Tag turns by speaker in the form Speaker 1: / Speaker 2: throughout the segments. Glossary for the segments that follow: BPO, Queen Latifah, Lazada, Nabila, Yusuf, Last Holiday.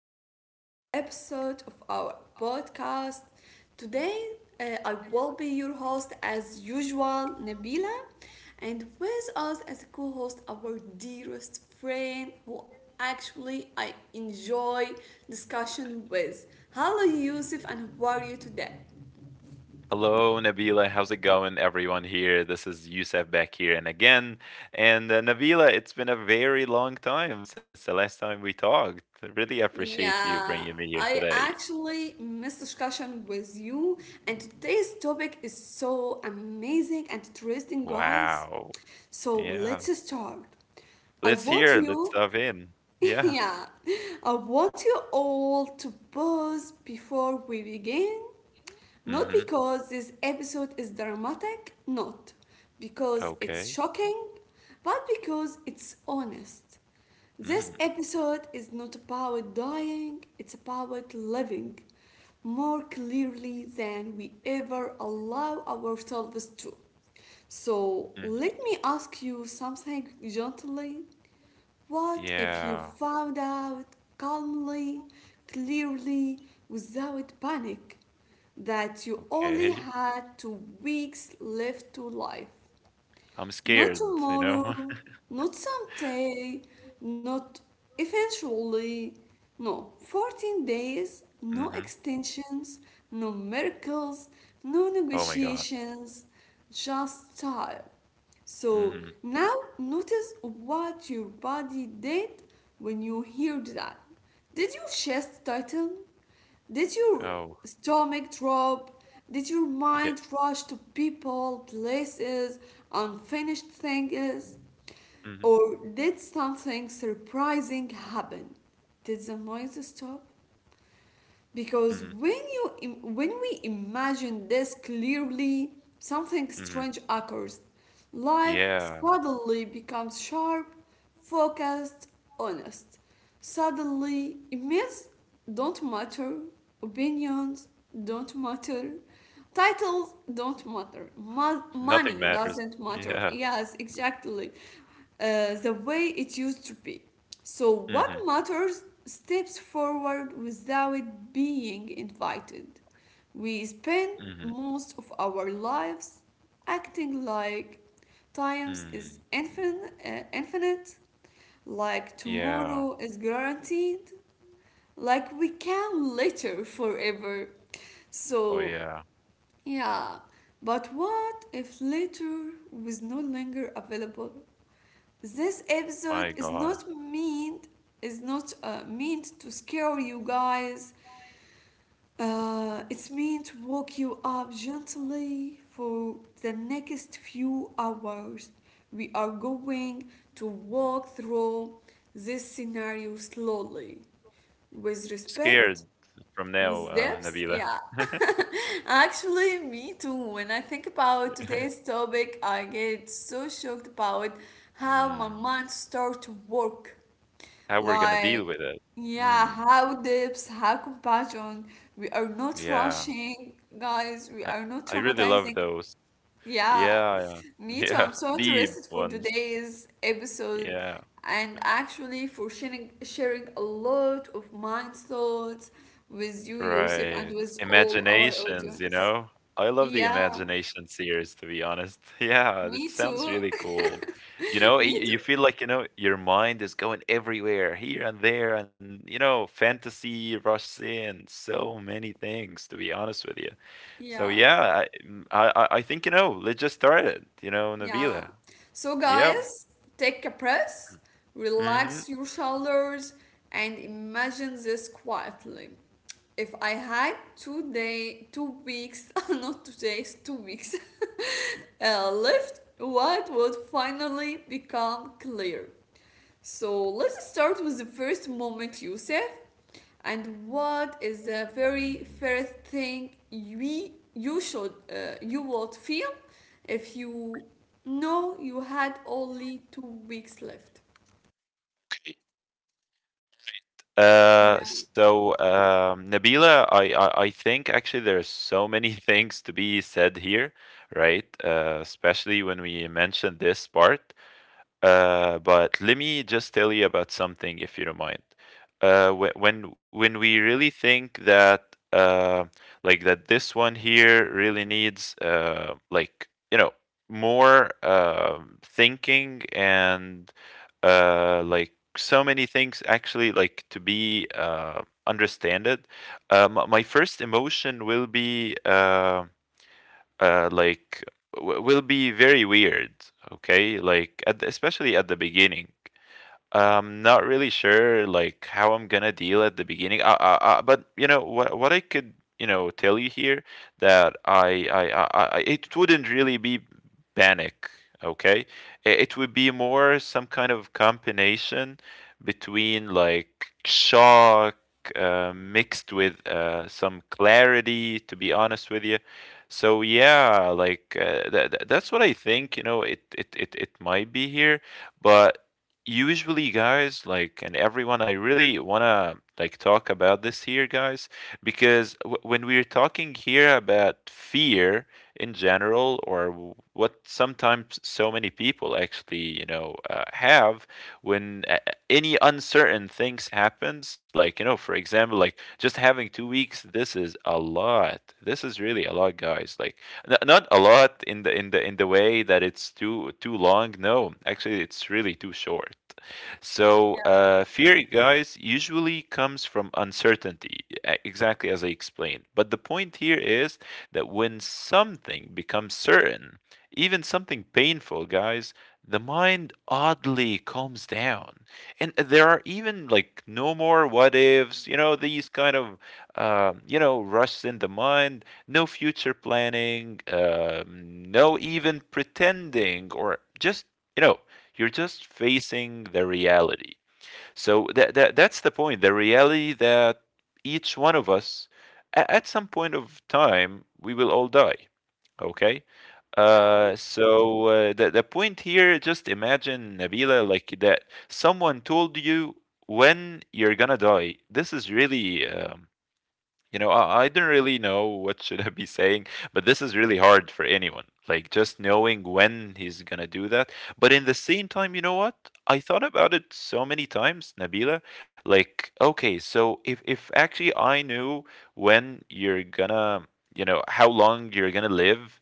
Speaker 1: back to a new episode of our podcast. Today, I will be your host as usual, Nabila, and with us as a co host, our dearest friend who actually I enjoy discussion with. Hello, Yusuf, and how are you today?
Speaker 2: Hello, Nabila. How's it going, everyone here? This is Youssef back here and again. And Nabila, it's been a very long time since the last time we talked. I really appreciate you bringing
Speaker 1: Yeah,
Speaker 2: me here
Speaker 1: I
Speaker 2: today.
Speaker 1: actually miss discussion with you, and today's topic is so amazing and interesting, guys.
Speaker 2: Wow.
Speaker 1: So
Speaker 2: Yeah.
Speaker 1: let's start. I
Speaker 2: Let's
Speaker 1: want
Speaker 2: hear. Let's
Speaker 1: you
Speaker 2: dive in. Yeah.
Speaker 1: yeah, I want you all to pause before we begin. Not
Speaker 2: Mm-hmm.
Speaker 1: because this episode is dramatic, not because it's
Speaker 2: Okay.
Speaker 1: shocking, but because it's honest. This
Speaker 2: Mm.
Speaker 1: episode is not about dying, it's about living more clearly than we ever allow ourselves to. So
Speaker 2: Mm.
Speaker 1: let me ask you something gently. What if you
Speaker 2: Yeah.
Speaker 1: found out calmly, clearly, without panic, that you only
Speaker 2: Okay.
Speaker 1: had 2 weeks left to live?
Speaker 2: I'm
Speaker 1: Not
Speaker 2: scared, you know?
Speaker 1: tomorrow, not someday, not eventually. No, 14 days, no
Speaker 2: Mm-hmm.
Speaker 1: extensions, no miracles, no
Speaker 2: Oh my God.
Speaker 1: negotiations, just time. So
Speaker 2: Mm-hmm.
Speaker 1: now notice what your body did when you heard that. Did your chest tighten? Did your
Speaker 2: Oh,
Speaker 1: stomach drop? Did your
Speaker 2: yeah.
Speaker 1: mind rush to people, places, unfinished things?
Speaker 2: Mm-hmm.
Speaker 1: Or did something surprising happen? Did the noise stop? Because
Speaker 2: Mm-hmm.
Speaker 1: when we imagine this clearly, something
Speaker 2: Mm-hmm.
Speaker 1: strange occurs. Life
Speaker 2: Yeah.
Speaker 1: suddenly becomes sharp, focused, honest. Suddenly myths don't matter, opinions don't matter, titles don't matter,
Speaker 2: Nothing
Speaker 1: money
Speaker 2: matters.
Speaker 1: doesn't matter,
Speaker 2: Yeah.
Speaker 1: yes, exactly, the way it used to be. So, what
Speaker 2: Mhm,
Speaker 1: matters steps forward without being invited. We spend
Speaker 2: mhm,
Speaker 1: most of our lives acting like time is
Speaker 2: mm.
Speaker 1: infinite, like
Speaker 2: Yeah.
Speaker 1: tomorrow is guaranteed, like we can later forever.
Speaker 2: Oh,
Speaker 1: So,
Speaker 2: yeah.
Speaker 1: yeah, but what if later was no longer available? This episode
Speaker 2: My
Speaker 1: is
Speaker 2: God.
Speaker 1: not meant is not uh, meant to scare you guys. It's meant to wake you up gently for the next few hours. We are going to walk through this scenario slowly, with respect,
Speaker 2: Scared from now,
Speaker 1: with depth,
Speaker 2: Nabila.
Speaker 1: yeah. Actually, me too. When I think about today's topic, I get so shocked about how my
Speaker 2: Mm.
Speaker 1: mind starts to work.
Speaker 2: How we're gonna deal
Speaker 1: Like,
Speaker 2: with it.
Speaker 1: yeah,
Speaker 2: Mm.
Speaker 1: how depth, how compassion. We are not
Speaker 2: Yeah.
Speaker 1: rushing, guys. We
Speaker 2: I
Speaker 1: are not
Speaker 2: I really
Speaker 1: traumatizing,
Speaker 2: love those.
Speaker 1: yeah,
Speaker 2: Yeah, yeah.
Speaker 1: me too.
Speaker 2: Yeah.
Speaker 1: I'm so
Speaker 2: Deep
Speaker 1: interested for
Speaker 2: ones.
Speaker 1: today's episode
Speaker 2: Yeah.
Speaker 1: and actually for sharing a lot of mind thoughts with you, Yusuf, and
Speaker 2: Right.
Speaker 1: with all our
Speaker 2: Imaginations, you
Speaker 1: audience.
Speaker 2: know? I love the
Speaker 1: Yeah,
Speaker 2: Imagination series, to be honest. Yeah, it
Speaker 1: me
Speaker 2: sounds
Speaker 1: too.
Speaker 2: really cool. You know, y
Speaker 1: Me too.
Speaker 2: you feel like, you know, your mind is going everywhere, here and there, and, you know, fantasy rushes in, so many things, to be honest with you. So,
Speaker 1: Yeah.
Speaker 2: yeah, I mm, I think, you know, let's just start it, you know,
Speaker 1: Yeah.
Speaker 2: Nabila.
Speaker 1: So,
Speaker 2: Yep.
Speaker 1: guys, take a breath,
Speaker 2: Mhm.
Speaker 1: relax your shoulders, and imagine this quietly. If I had 2 weeks, not 2 days, 2 weeks left, what would finally become clear? So let's start with the first moment, Yusuf. And what is the very first thing we you should you would feel if you know you had only 2 weeks left?
Speaker 2: Uh,
Speaker 1: Yeah,
Speaker 2: so um, Nabila, I think actually there are so many things to be said here, right? Especially when we mentioned this part. But let me just tell you about something, if you don't mind. When we really think that like that this one here really needs like you know more thinking and like so many things actually like to be understood. My first emotion will be. Like will be very weird, okay, like at the, especially at the beginning, not really sure like how I'm gonna deal at the beginning. But you know what, I could, you know, tell you here that it wouldn't really be panic. Okay, it would be more some kind of combination between like shock mixed with some clarity. To be honest with you. So yeah, like that's what I think. You know, it might be here, but usually, guys, like, and everyone, I really want to like talk about this here, guys, because when we're talking here about fear in general, or what sometimes so many people actually, you know, have when any uncertain things happens, like, you know, for example, like just having 2 weeks, this is a lot, this is really a lot, guys, like not a lot in the way that it's too long. No, actually, it's really too short. So,
Speaker 1: yeah,
Speaker 2: fear, guys, usually comes from uncertainty, exactly as I explained. But the point here is that when something becomes certain, even something painful, guys, the mind oddly calms down. And there are even like no more what ifs, you know, these kind of, you know, rushes in the mind, no future planning, no even pretending or just, you know, you're just facing the reality. So that that's the point. The reality that each one of us, at some point of time, we will all die. Okay.
Speaker 1: yeah,
Speaker 2: So the the point here, just imagine, Nabila, like that someone told you when you're gonna die. This is really, you know, I don't really know what should I be saying, but this is really hard for anyone. Like just knowing when he's gonna do that. But in the same time, you know what? I thought about it so many times, Nabila. Like, okay, so if actually I knew when you're gonna, you know, how long you're gonna live,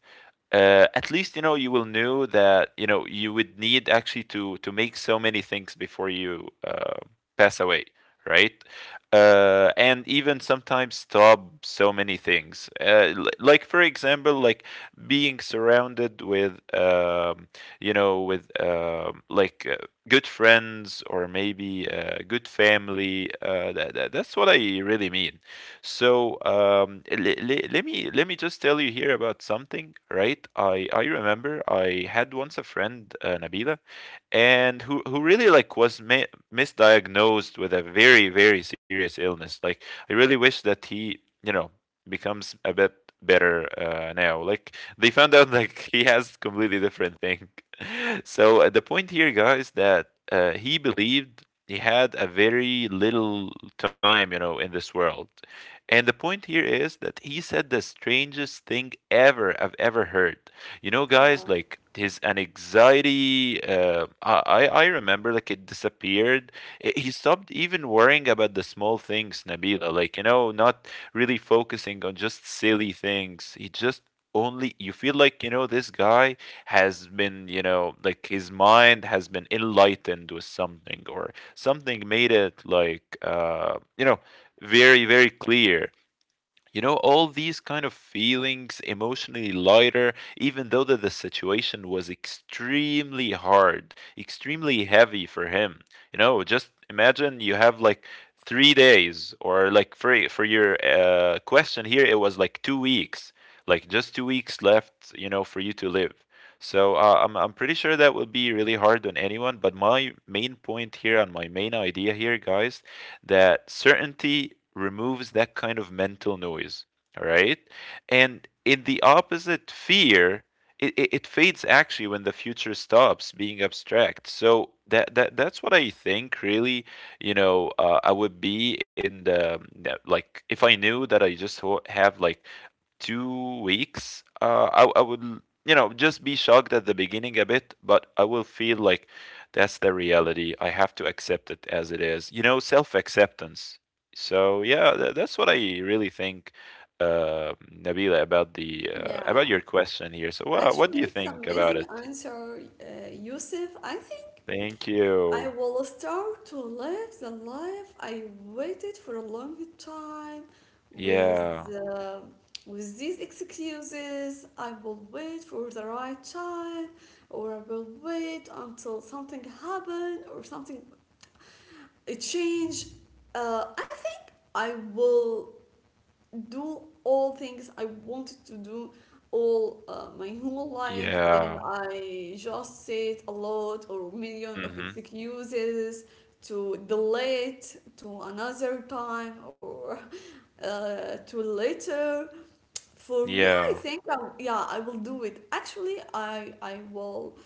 Speaker 2: at least you know you will know that you know you would need actually to make so many things before you pass away, right. And even sometimes stop so many things, like for example, like being surrounded with, you know, with like good friends, or maybe good family. That, that's what I really mean. So let me, let me just tell you here about something, right? I remember I had once a friend, Nabila, and who really like was misdiagnosed with a very serious illness. Like I really wish that he, you know, becomes a bit better now. Like they found out like he has completely different thing. So the point here, guys, that he believed he had a very little time, you know, in this world. And the point here is that he said the strangest thing ever I've ever heard. You know,
Speaker 1: yeah,
Speaker 2: guys, like his anxiety. I remember like it disappeared. He stopped even worrying about the small things, Nabila. Like, you know, not really focusing on just silly things. He just only you feel like, you know, this guy has been, you know, like his mind has been enlightened with something, or something made it like you know very, very clear. You know, all these kind of feelings, emotionally lighter, even though that the situation was extremely hard, extremely heavy for him. You know, just imagine you have like 3 days, or like for your question here, it was like 2 weeks, like just 2 weeks left, you know, for you to live. So I'm pretty sure that will be really hard on anyone. But my main point here and my main idea here, guys, that certainty removes that kind of mental noise, all right? And in the opposite, fear it fades actually when the future stops being abstract. So that that's what I think really, you know. I would be in like if I knew that I just have like 2 weeks, I would, you know, just be shocked at the beginning a bit, but I will feel like that's the reality. I have to accept it as it is, you know, self acceptance. So yeah, that's what I really think, Nabila, about the
Speaker 1: yeah.
Speaker 2: about your question here. So what
Speaker 1: Actually,
Speaker 2: do you
Speaker 1: it's
Speaker 2: think about
Speaker 1: amazing
Speaker 2: it?
Speaker 1: answer, Yusuf. I think
Speaker 2: Thank
Speaker 1: I
Speaker 2: you.
Speaker 1: will start to live the life I waited for a long time with
Speaker 2: Yeah.
Speaker 1: uh, with these excuses. I will wait for the right time, or I will wait until something happened or something it changed. I think I will do all things I wanted to do all my whole life, and
Speaker 2: Yeah.
Speaker 1: I just said a lot or million of
Speaker 2: Mm-hmm.
Speaker 1: excuses to delay it to another time or to later. For me, I
Speaker 2: Yeah.
Speaker 1: think yeah, I will do it. Actually, I will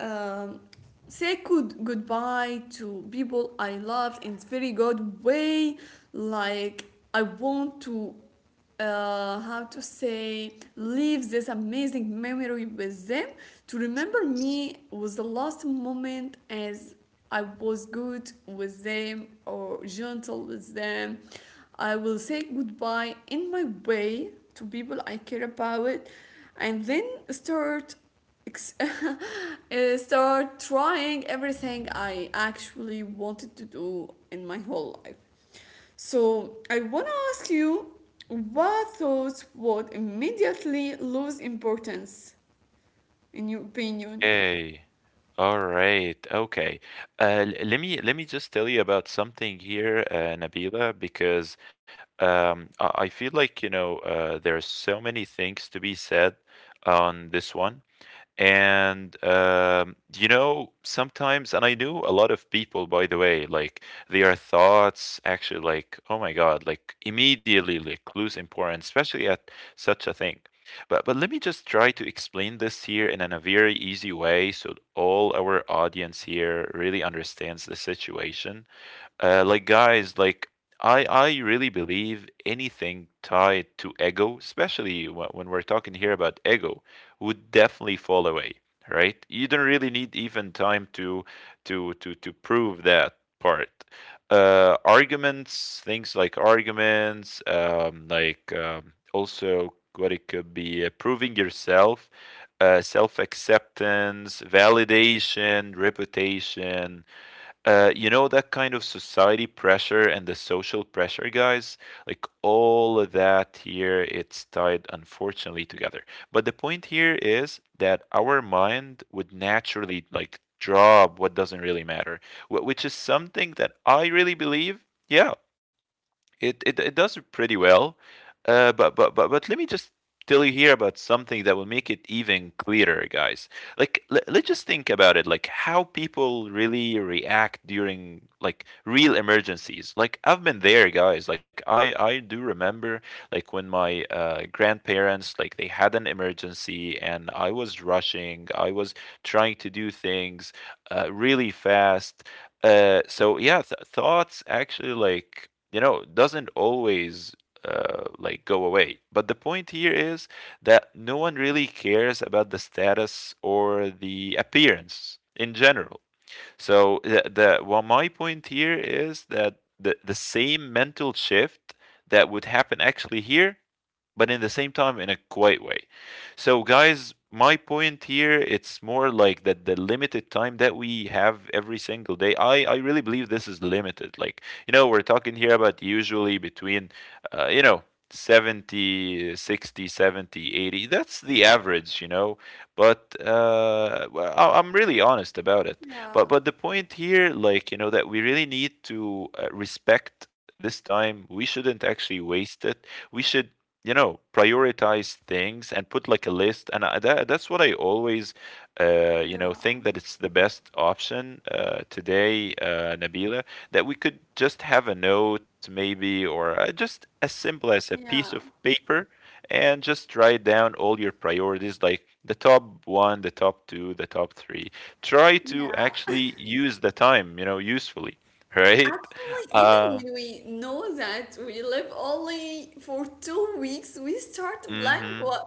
Speaker 1: um, say goodbye to people I love in a very good way. Like I want to, how to say, leave this amazing memory with them to remember me was the last moment as I was good with them or gentle with them. I will say goodbye in my way to people I care about, and then start start trying everything I actually wanted to do in my whole life. So I want to ask you what thoughts would immediately lose importance in your opinion?
Speaker 2: Okay. All right. Okay. Let me just tell you about something here, Nabila, because I feel like, you know, there are so many things to be said on this one. And you know, sometimes, and I knew a lot of people, by the way, like their thoughts actually, like, oh my God, like immediately like lose importance, especially at such a thing. But let me just try to explain this here in, a very easy way so all our audience here really understands the situation. Like, guys, like I really believe anything tied to ego, especially when we're talking here about ego, would definitely fall away, right? You don't really need even time to to prove that part. Arguments, things like arguments, like also what it could be proving yourself, self acceptance, validation, reputation, you know, that kind of society pressure and the social pressure, guys? Like all of that here, it's tied unfortunately together. But the point here is that our mind would naturally like drop what doesn't really matter, which is something that I really believe. Yeah, it does pretty well. But let me just tell you here about something that will make it even clearer, guys. Let's just think about it, like how people really react during like real emergencies. Like I've been there, guys. Like I do remember like when my grandparents like they had an emergency, and I was rushing, I was trying to do things really fast. So yeah, thoughts actually, like, you know, doesn't always like go away. But the point here is that no one really cares about the status or the appearance in general. So the well, my point here is that the same mental shift that would happen actually here, but in the same time in a quiet way. So guys, my point here, it's more like that the limited time that we have every single day. I really believe this is limited. Like you know, we're talking here about usually between, you know, 70, 60, 70, 80. That's the average, you know. But I'm really honest about it.
Speaker 1: Yeah,
Speaker 2: But the point here, like you know, that we really need to respect this time. We shouldn't actually waste it. We should, you know, prioritize things and put like a list. That's what I always
Speaker 1: yeah,
Speaker 2: think that it's the best option today, Nabila, that we could just have a note, maybe, or just as simple as a piece
Speaker 1: yeah,
Speaker 2: of paper, and just write down all your priorities, like the top one, the top two, the top three. Try to
Speaker 1: yeah.
Speaker 2: actually use the time, you know, usefully, right?
Speaker 1: Actually, even
Speaker 2: Uh,
Speaker 1: when we know that we live only for 2 weeks,
Speaker 2: hmm.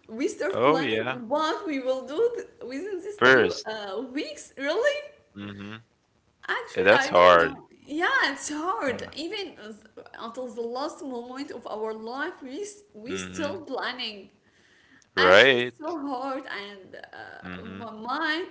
Speaker 1: we start
Speaker 2: Oh
Speaker 1: planning
Speaker 2: yeah,
Speaker 1: what we will do within these two
Speaker 2: first.
Speaker 1: weeks. Really?
Speaker 2: Mm-hmm. Yeah,
Speaker 1: Actually,
Speaker 2: that's
Speaker 1: I don't
Speaker 2: hard.
Speaker 1: know. Yeah, it's hard.
Speaker 2: Yeah.
Speaker 1: Even until the last moment of our life, we still
Speaker 2: Mm-hmm.
Speaker 1: planning. Actually, it's so
Speaker 2: Right.
Speaker 1: hard and on
Speaker 2: Mm-hmm.
Speaker 1: my mind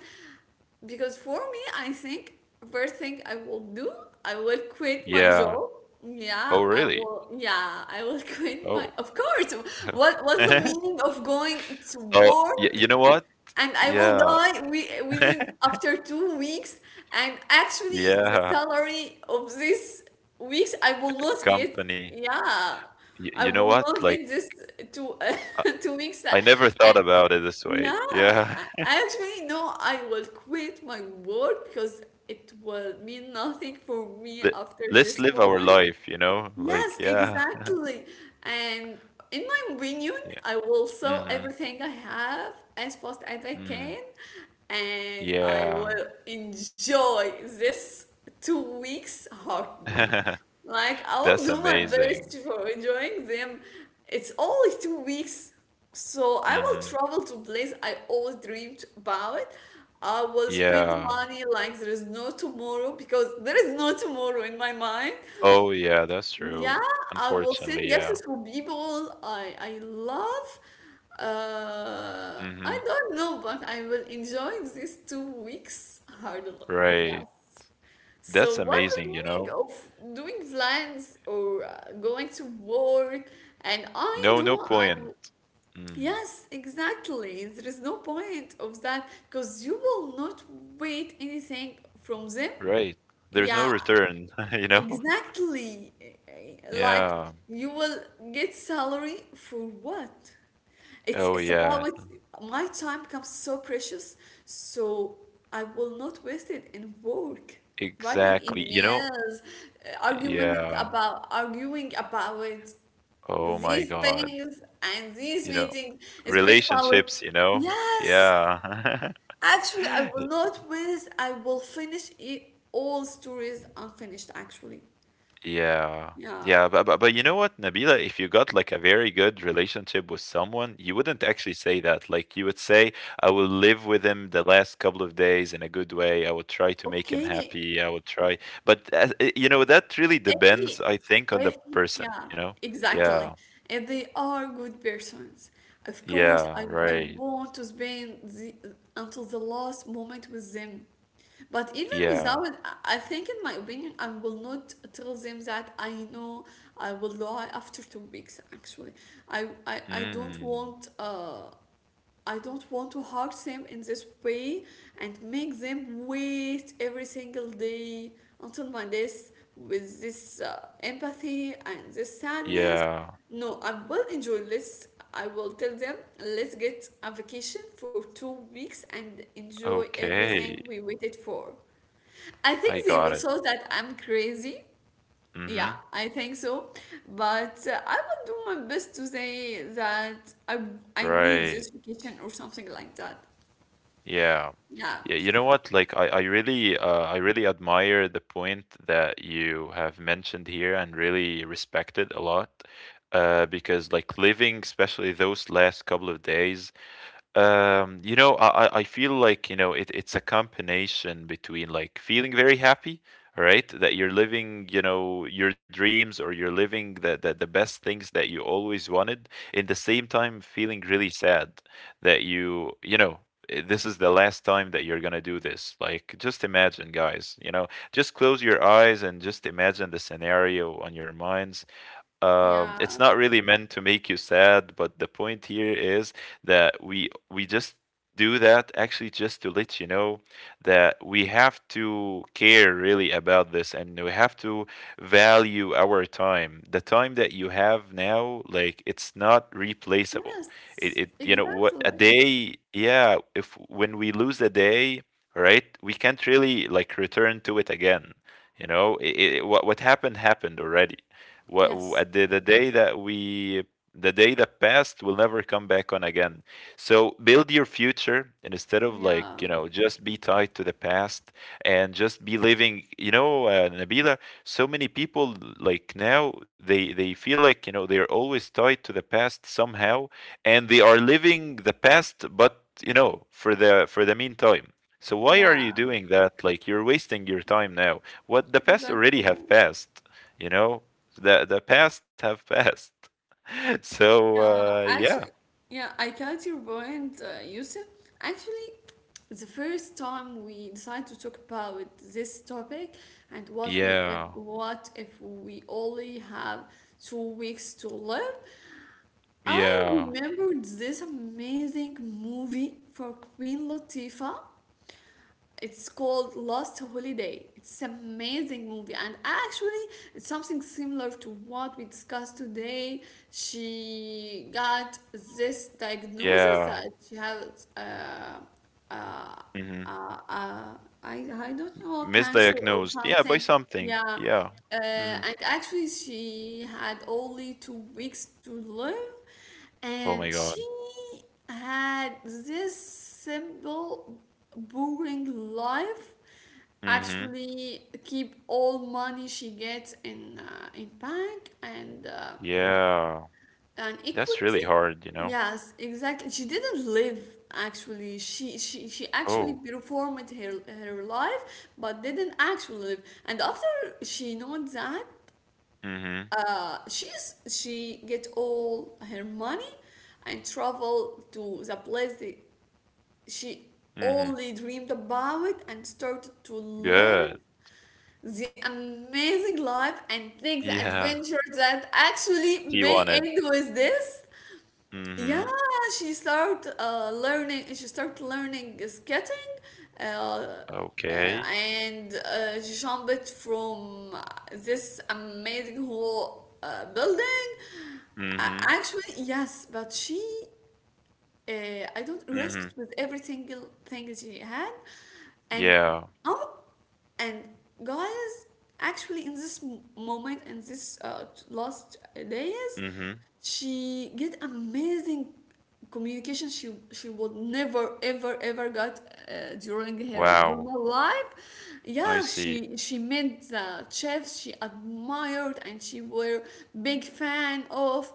Speaker 1: because for me, I think first thing I will do, I will quit my
Speaker 2: Yeah.
Speaker 1: job. Yeah,
Speaker 2: Oh
Speaker 1: I
Speaker 2: really?
Speaker 1: will. Yeah, I will quit
Speaker 2: Oh.
Speaker 1: my. Of course. What's the
Speaker 2: Okay.
Speaker 1: meaning of going to
Speaker 2: Oh,
Speaker 1: work
Speaker 2: you know what?
Speaker 1: and I will
Speaker 2: Yeah.
Speaker 1: die we within after 2 weeks. And actually, the
Speaker 2: Yeah.
Speaker 1: salary of this weeks I will not get.
Speaker 2: Company.
Speaker 1: Yeah, I
Speaker 2: You know
Speaker 1: will
Speaker 2: what?
Speaker 1: not get
Speaker 2: Like
Speaker 1: this two
Speaker 2: I-,
Speaker 1: 2 weeks.
Speaker 2: I never
Speaker 1: And
Speaker 2: thought about it this way.
Speaker 1: yeah,
Speaker 2: Yeah.
Speaker 1: I actually no, I will quit my work because it will mean nothing for me
Speaker 2: Let-
Speaker 1: after
Speaker 2: Let's
Speaker 1: this
Speaker 2: live our
Speaker 1: moment.
Speaker 2: life, you know, like,
Speaker 1: Yes,
Speaker 2: yeah.
Speaker 1: exactly. And in my opinion,
Speaker 2: Yeah.
Speaker 1: I will sell
Speaker 2: Mm-hmm.
Speaker 1: everything I have as fast as I
Speaker 2: Mm,
Speaker 1: can, and I
Speaker 2: yeah.
Speaker 1: will enjoy this 2 weeks hardly. Like, I will
Speaker 2: That's
Speaker 1: do my
Speaker 2: amazing.
Speaker 1: best for enjoying them. It's only 2 weeks, so I will
Speaker 2: Mhm.
Speaker 1: travel to place I always dreamed about. I will spend
Speaker 2: Yeah.
Speaker 1: money like there is no tomorrow because there is no tomorrow in my mind.
Speaker 2: Oh, yeah, that's
Speaker 1: Yeah,
Speaker 2: true.
Speaker 1: I will
Speaker 2: Unfortunately,
Speaker 1: send
Speaker 2: yeah.
Speaker 1: gifts for people I love. I
Speaker 2: Mhm.
Speaker 1: don't know, but I will enjoy these 2 weeks hardly.
Speaker 2: Right.
Speaker 1: Yes.
Speaker 2: That's
Speaker 1: So what's the
Speaker 2: amazing, you
Speaker 1: meaning
Speaker 2: know.
Speaker 1: of doing plans or going to work? And I
Speaker 2: No, no
Speaker 1: know I
Speaker 2: point.
Speaker 1: will.
Speaker 2: Mm,
Speaker 1: Yes, exactly. There is no point of that because you will not wait anything from them.
Speaker 2: right. There's no
Speaker 1: Yeah,
Speaker 2: return, you know?
Speaker 1: exactly. Like
Speaker 2: Yeah.
Speaker 1: you will get salary for what? It's
Speaker 2: Oh,
Speaker 1: it's
Speaker 2: yeah.
Speaker 1: about my time becomes so precious, so I will not waste it in work, writing
Speaker 2: Exactly. You know?
Speaker 1: emails, argument
Speaker 2: Yeah.
Speaker 1: about arguing about
Speaker 2: Oh my
Speaker 1: these
Speaker 2: God.
Speaker 1: things and these
Speaker 2: You know,
Speaker 1: meetings. It's been about
Speaker 2: relationships, you know?
Speaker 1: yes.
Speaker 2: Yeah.
Speaker 1: Actually, I will not waste. I will finish it all stories unfinished. Actually.
Speaker 2: Yeah.
Speaker 1: Yeah.
Speaker 2: Yeah, but you know what, Nabila, if you got like a very good relationship with someone, you wouldn't actually say that. Like you would say, I will live with him the last couple of days in a good way. I would try to make him
Speaker 1: Okay.
Speaker 2: happy. I would try. But you know, that really
Speaker 1: If
Speaker 2: depends,
Speaker 1: he,
Speaker 2: I think, on the
Speaker 1: if he,
Speaker 2: person, you
Speaker 1: yeah,
Speaker 2: know? Yeah.
Speaker 1: exactly. If they are good persons, of course,
Speaker 2: Yeah,
Speaker 1: I
Speaker 2: right.
Speaker 1: want to spend until the last moment with them. But even
Speaker 2: Yeah.
Speaker 1: without, I think, in my opinion, I will not tell them that I know I will lie after 2 weeks. Actually, I don't
Speaker 2: Mm.
Speaker 1: want. I don't want to hurt them in this way and make them wait every single day until my death with this empathy and this sadness.
Speaker 2: Yeah.
Speaker 1: No, I will enjoy this. I will tell them, let's get a vacation for 2 weeks and enjoy
Speaker 2: Okay.
Speaker 1: everything we waited for. I
Speaker 2: I
Speaker 1: think they
Speaker 2: got
Speaker 1: will
Speaker 2: it.
Speaker 1: show that I'm crazy, yeah,
Speaker 2: Mm-hmm.
Speaker 1: I think so. But I will do my best to say that I need this
Speaker 2: Right.
Speaker 1: vacation or something like that.
Speaker 2: Yeah.
Speaker 1: Yeah.
Speaker 2: Yeah, you know what? Like I really I really admire the point that you have mentioned here and really respect it a lot. Because like living, especially those last couple of days, you know, I feel like, you know, it, it's a combination between like feeling very happy, right? That you're living, you know, your dreams, or you're living the best things that you always wanted, in the same time feeling really sad that you know, this is the last time that you're gonna do this. Like, just imagine, guys, you know, just close your eyes and just imagine the scenario on your minds.
Speaker 1: Yeah.
Speaker 2: It's not really meant to make you sad, but the point here is that we just do that actually just to let you know that we have to care really about this, and we have to value our time. The time that you have now, like, it's not replaceable. It,
Speaker 1: Yes.
Speaker 2: it you know what, a
Speaker 1: Exactly.
Speaker 2: day, yeah, if when we lose a day, right, we can't really like return to it again. You know, what happened happened already.
Speaker 1: Yes.
Speaker 2: What the day that we the day that passed will never come back on again. So build your future, and instead of
Speaker 1: Yeah.
Speaker 2: like, you know, just be tied to the past and just be living, you know, Nabila. So many people, like now they feel like, you know, they're always tied to the past somehow, and they are living the past. But you know, for the meantime, so why are
Speaker 1: Yeah.
Speaker 2: you doing that? Like, you're wasting your time now. What? The past already
Speaker 1: Exactly.
Speaker 2: have passed, you know. The past have passed. So
Speaker 1: Yeah.
Speaker 2: yeah,
Speaker 1: Actually, yeah, I got your point, Yusuf. Actually, the first time we decided to talk about this topic and
Speaker 2: yeah,
Speaker 1: what if we only have 2 weeks to live, I
Speaker 2: yeah,
Speaker 1: remembered this amazing movie for Queen Latifah. It's called Last Holiday. It's amazing movie, and actually, it's something similar to what we discussed today. She got this diagnosis that
Speaker 2: yeah.
Speaker 1: she has uh,
Speaker 2: Hmm.
Speaker 1: uh, uh, I don't know, cancer or
Speaker 2: Misdiagnosed, yeah, by
Speaker 1: something. Yeah,
Speaker 2: something, yeah. Hmm.
Speaker 1: and actually she had only 2 weeks to live,
Speaker 2: Oh my
Speaker 1: and she
Speaker 2: God.
Speaker 1: had this simple, boring life.
Speaker 2: Hmm.
Speaker 1: Actually, keep all money she gets in bank and. Uh,
Speaker 2: Yeah,
Speaker 1: and
Speaker 2: that's
Speaker 1: equity?
Speaker 2: really hard, you know.
Speaker 1: Yes, exactly. She didn't live actually. She actually
Speaker 2: Oh.
Speaker 1: performed her life, but didn't actually live. And after she knows that,
Speaker 2: Hmm.
Speaker 1: she get all her money and travel to the place that she
Speaker 2: Hmm.
Speaker 1: only dreamed about and started to live
Speaker 2: Good.
Speaker 1: the amazing life and take the
Speaker 2: Yeah.
Speaker 1: adventure that actually
Speaker 2: She
Speaker 1: may
Speaker 2: wanted.
Speaker 1: end with this. Yeah,
Speaker 2: Hmm.
Speaker 1: she start learning. She start learning skating, uh, uh,
Speaker 2: Okay.
Speaker 1: and uh, she jumped from this amazing whole building.
Speaker 2: Hmm.
Speaker 1: Actually, yes, but uh, I don't risked
Speaker 2: Hmm.
Speaker 1: with every single thing she had, and
Speaker 2: Yeah.
Speaker 1: oh. And guys, actually, in this moment, in this last days,
Speaker 2: Hmm.
Speaker 1: she get amazing communication she would never ever ever got during her
Speaker 2: Wow.
Speaker 1: normal life, yeah,
Speaker 2: I see.
Speaker 1: she met the chefs she admired, and she were big fan of,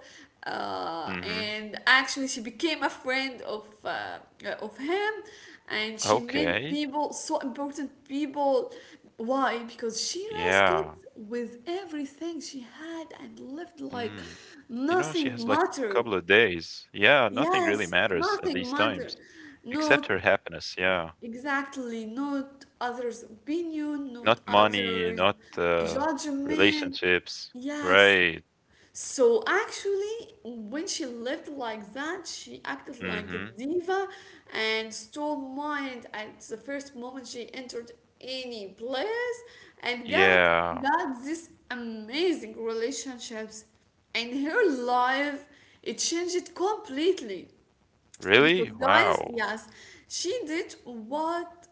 Speaker 2: Hmm.
Speaker 1: and actually she became a friend of of him, and she made
Speaker 2: Okay.
Speaker 1: people so important people, why, because she risked
Speaker 2: Yeah.
Speaker 1: with everything she had and lived like
Speaker 2: Mm. You know, she
Speaker 1: nothing
Speaker 2: has like a
Speaker 1: mattered.
Speaker 2: couple of days. Yeah, nothing really
Speaker 1: Yes,
Speaker 2: matters at
Speaker 1: nothing
Speaker 2: these
Speaker 1: mattered,
Speaker 2: times except her
Speaker 1: not,
Speaker 2: happiness. Yeah.
Speaker 1: exactly, not others opinion, not
Speaker 2: Not money,
Speaker 1: others,
Speaker 2: not
Speaker 1: judgment,
Speaker 2: relationships.
Speaker 1: yes.
Speaker 2: Right.
Speaker 1: So actually, when she lived like that, she acted like a
Speaker 2: Mm-hmm.
Speaker 1: diva and stole mine at the first moment she entered any place and got
Speaker 2: Yeah.
Speaker 1: got this amazing relationships, and her life, it changed completely, because
Speaker 2: Really?
Speaker 1: guys,
Speaker 2: Wow.
Speaker 1: yes, she did what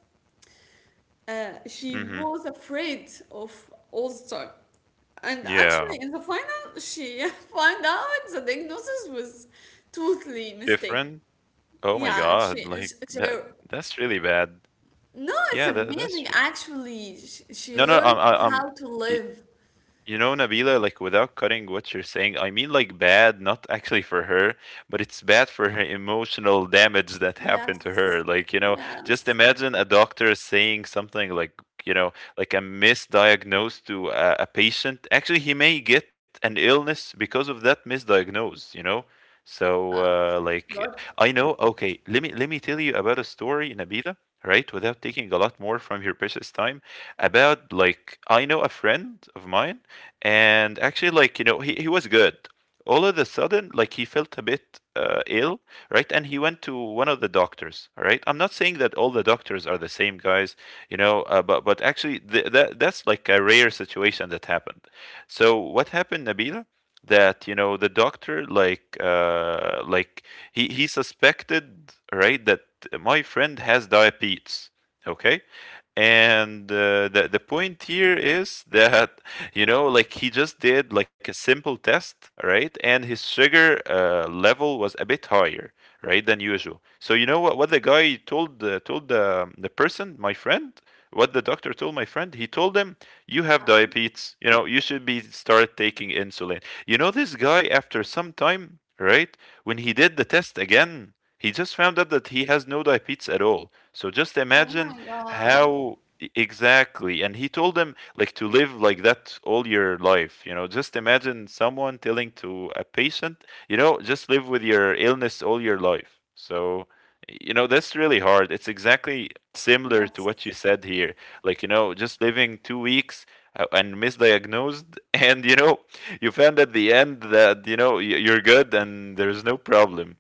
Speaker 1: she
Speaker 2: Mm-hmm.
Speaker 1: was afraid of All Star. And actually,
Speaker 2: Yeah.
Speaker 1: in the final, she found out the diagnosis was totally mistake.
Speaker 2: Different. Oh my
Speaker 1: Yeah,
Speaker 2: God. Like
Speaker 1: she,
Speaker 2: that. That's really bad.
Speaker 1: no, it's
Speaker 2: Yeah.
Speaker 1: amazing. Actually, she
Speaker 2: No, no.
Speaker 1: learned
Speaker 2: I'm.
Speaker 1: how to live.
Speaker 2: You know, Nabila, like without cutting what you're saying, I mean like bad, not actually for her, but it's bad for her emotional damage that happened to her.
Speaker 1: Yes,
Speaker 2: Like, you know, just
Speaker 1: yes.
Speaker 2: imagine a doctor saying something like, you know, like a misdiagnose to a patient. Actually, he may get an illness because of that misdiagnose, you know? So, like,
Speaker 1: But
Speaker 2: I know, okay, let me tell you about a story, Nabila, right? Without taking a lot more from your precious time, about, like, I know a friend of mine, and actually, like, you know, he was good. All of a sudden, like, he felt a bit ill, right, and he went to one of the doctors. All right, I'm not saying that all the doctors are the same, guys, you know, but actually, that that's like a rare situation that happened. So what happened, Nabila, that, you know, the doctor, like, he suspected, right, that my friend has diabetes. Okay. And the point here is that, you know, like, he just did like a simple test, right, and his sugar level was a bit higher, right, than usual. So you know what the guy told told the person, my friend, what the doctor told my friend, he told him, you have diabetes, you know, you should be start taking insulin. You know, this guy, after some time, right, when he did the test again, he just found out that he has no diabetes at all. So just
Speaker 1: oh
Speaker 2: imagine
Speaker 1: my God,
Speaker 2: how exactly. And he told him like to live like that all your life. You know, just imagine someone telling to a patient, you know, just live with your illness all your life. So, you know, that's really hard. It's exactly similar to
Speaker 1: yes,
Speaker 2: what you said here, like, you know, just living 2 weeks and misdiagnosed, and you know, you found at the end that, you know, you're good, and there's no problem.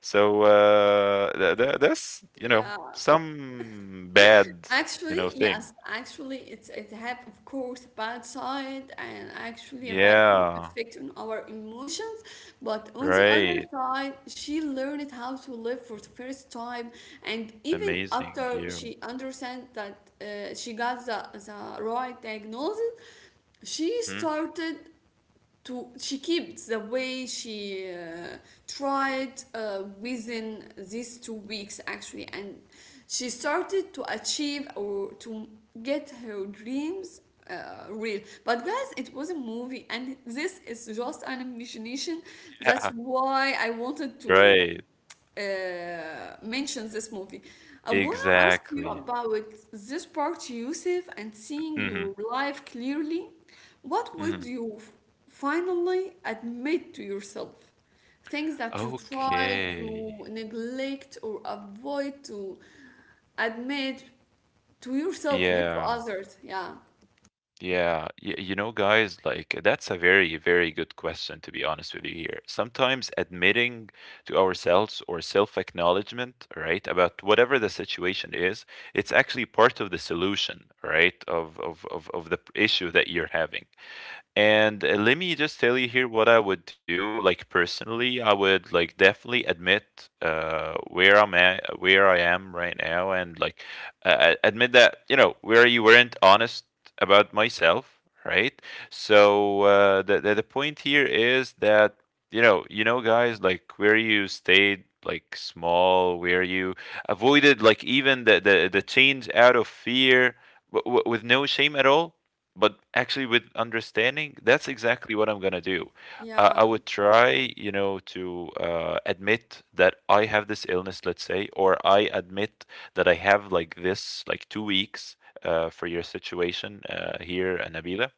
Speaker 2: So that's, you know,
Speaker 1: yeah.
Speaker 2: some bad, you
Speaker 1: Actually,
Speaker 2: know, thing.
Speaker 1: yes, actually it have, of course, a bad side and actually a bad
Speaker 2: Yeah,
Speaker 1: effect on our emotions, but on the other
Speaker 2: right.
Speaker 1: side, she learned how to live for the first time. And even
Speaker 2: Amazing
Speaker 1: after
Speaker 2: you.
Speaker 1: she understand that, she got the right diagnosis, she
Speaker 2: Hmm.
Speaker 1: started to, she keeps the way she tried within these 2 weeks actually, and she started to achieve or to get her dreams real. But guys, it was a movie and this is just an imagination.
Speaker 2: Yeah,
Speaker 1: That's why I wanted to
Speaker 2: right.
Speaker 1: mentions this movie. I wanna ask you
Speaker 2: Exactly.
Speaker 1: about this part, Yusuf, and seeing
Speaker 2: Hmm.
Speaker 1: your life clearly. What
Speaker 2: Hmm.
Speaker 1: would you finally admit to yourself? Things that you try to
Speaker 2: Okay.
Speaker 1: neglect or avoid to admit to yourself, not to
Speaker 2: Yeah.
Speaker 1: others. Yeah,
Speaker 2: Yeah, you know, guys, like, that's a very, very good question, to be honest with you here. Sometimes admitting to ourselves, or self-acknowledgement, right, about whatever the situation is, it's actually part of the solution, right, of of the issue that you're having. And let me just tell you here what I would do. Like, personally, I would like definitely admit where I'm at, where I am right now, and like, admit that, you know, where you weren't honest about myself, right? So the point here is that, you know, you know, guys, like, where you stayed like small, where you avoided like even the change out of fear, with no shame at all, but actually with understanding. That's exactly what I'm going to do.
Speaker 1: yeah,
Speaker 2: I would try, you know, to admit that I have this illness, let's say, or I admit that I have like this, like, 2 weeks, for your situation, here, Nabila.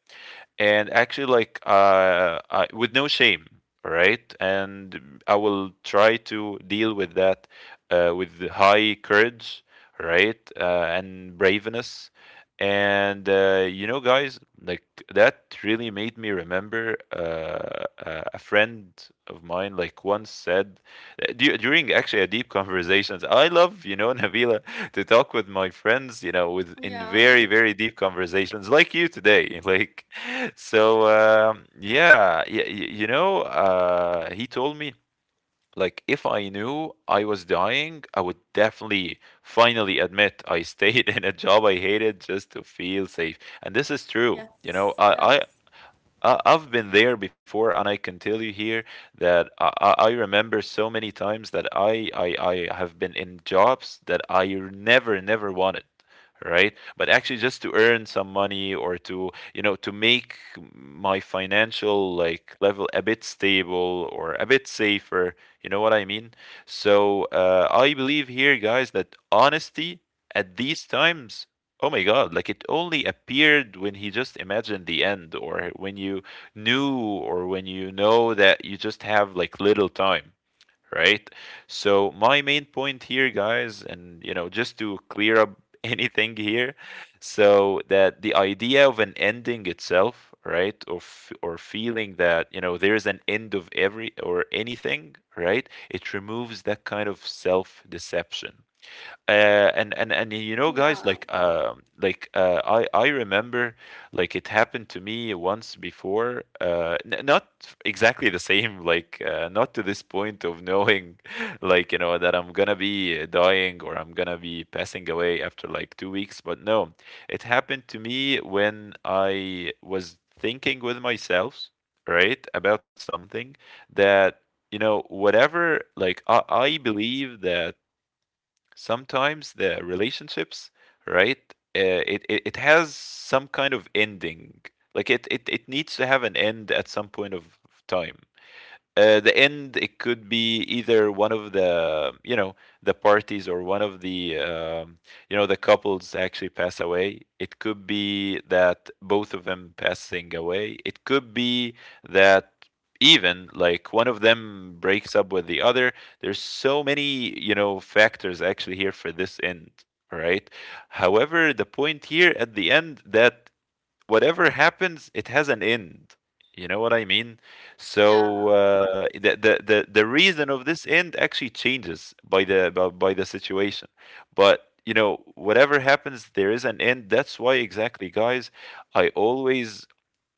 Speaker 2: And actually, like, I, with no shame, all right, and I will try to deal with that with the high courage, all right, and braveness. And you know, guys, like, that really made me remember a friend of mine like once said, during actually a deep conversations. I love, you know, Nabila, to talk with my friends, you know, with in
Speaker 1: yeah,
Speaker 2: very, very deep conversations, like you today. Like, so yeah, you know, he told me, like, if I knew I was dying, I would definitely finally admit I stayed in a job I hated just to feel safe. And this is true. You know,
Speaker 1: yes, yes,
Speaker 2: I've been there before, and I can tell you here that I remember so many times that I have been in jobs that I never never wanted, right? But actually, just to earn some money, or to, you know, to make my financial, like, level a bit stable or a bit safer. You know what I mean? So I believe here, guys, that honesty at these times, oh my God, like, it only appeared when he just imagined the end, or when you knew, or when you know that you just have like little time, right? So, my main point here, guys, and just to clear up anything here, so that the idea of an ending itself, right, or, or feeling that, there's an end of every or anything, right, it removes that kind of self deception uh, and guys
Speaker 1: yeah,
Speaker 2: like um like uh, I remember like it happened to me once before not exactly the same not to this point of knowing like you know that I'm gonna be dying or I'm gonna be passing away after like 2 weeks. But no, it happened to me when I was thinking with myself, right, about something that you know, I believe that sometimes the relationships, right? It has some kind of ending. Like it needs to have an end at some point of time. The end, it could be either one of the the parties, or one of the the couples actually pass away. It could be that both of them passing away. It could be that even like one of them breaks up with the other. There's so many factors actually here for this end, all right? However, the point here at the end, that whatever happens, it has an end. You know what I mean?
Speaker 1: yeah,
Speaker 2: So , the reason of this end actually changes by by the situation. But you know, whatever happens, there is an end. That's why, exactly, guys. I always,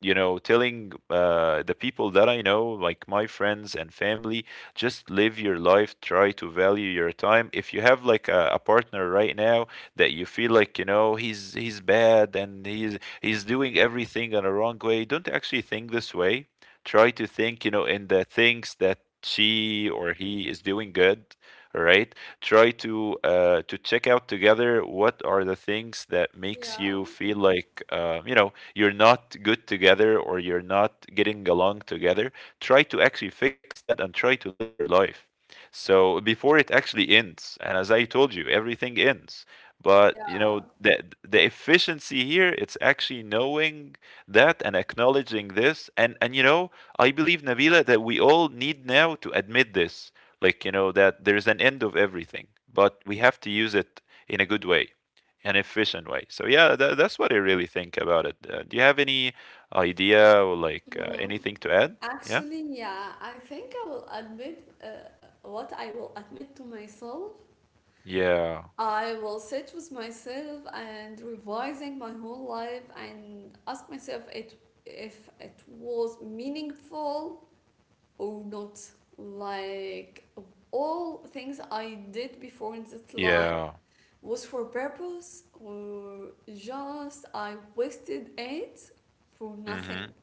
Speaker 2: you know, telling the people that I know, like my friends and family, just live your life. Try to value your time. If you have like a partner right now that you feel like you know he's bad and he's is doing everything in a wrong way, don't actually think this way. Try to think, you know, in the things that she or he is doing good. All right. Try to check out together what are the things that makes
Speaker 1: yeah,
Speaker 2: you feel like you know you're not good together or you're not getting along together. Try to actually fix that and try to live your life. So before it actually ends, and as I told you, everything ends. But you
Speaker 1: yeah.
Speaker 2: know, the efficiency here, it's actually knowing that and acknowledging this. And you know, I believe, Nabila, that we all need now to admit this. Like, you know, that there's an end of everything, but we have to use it in a good way, an efficient way. So yeah, that's what I really think about it. Do you have any idea or like
Speaker 1: Um,
Speaker 2: anything to add? Yeah?
Speaker 1: Actually, yeah, I think I will admit, what I will admit to myself.
Speaker 2: Yeah.
Speaker 1: I will sit with myself and revising my whole life and ask myself it if it was meaningful or not. Like, all things I did before in this life
Speaker 2: Yeah.
Speaker 1: was for purpose, or just I wasted it for nothing.
Speaker 2: Mm-hmm.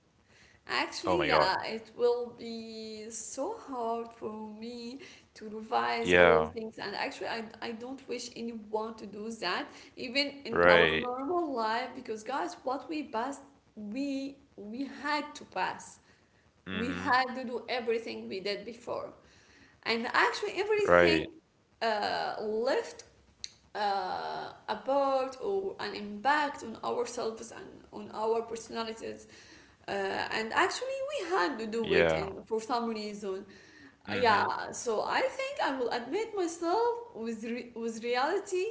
Speaker 2: Oh
Speaker 1: Actually,
Speaker 2: my
Speaker 1: yeah,
Speaker 2: God.
Speaker 1: it will be so hard for me to revise all
Speaker 2: Yeah.
Speaker 1: things. And actually, I don't wish anyone to do that, even in our
Speaker 2: Right.
Speaker 1: normal life, because guys, what we passed, we had to pass. We
Speaker 2: Mm-hmm.
Speaker 1: had to do everything we did before. And actually,
Speaker 2: Right.
Speaker 1: everything left, a part or an impact on ourselves and on our personalities, uh, and actually, we had to do it
Speaker 2: Yeah.
Speaker 1: in, for some reason.
Speaker 2: Mhm.
Speaker 1: Yeah, so I think I will admit myself with, with reality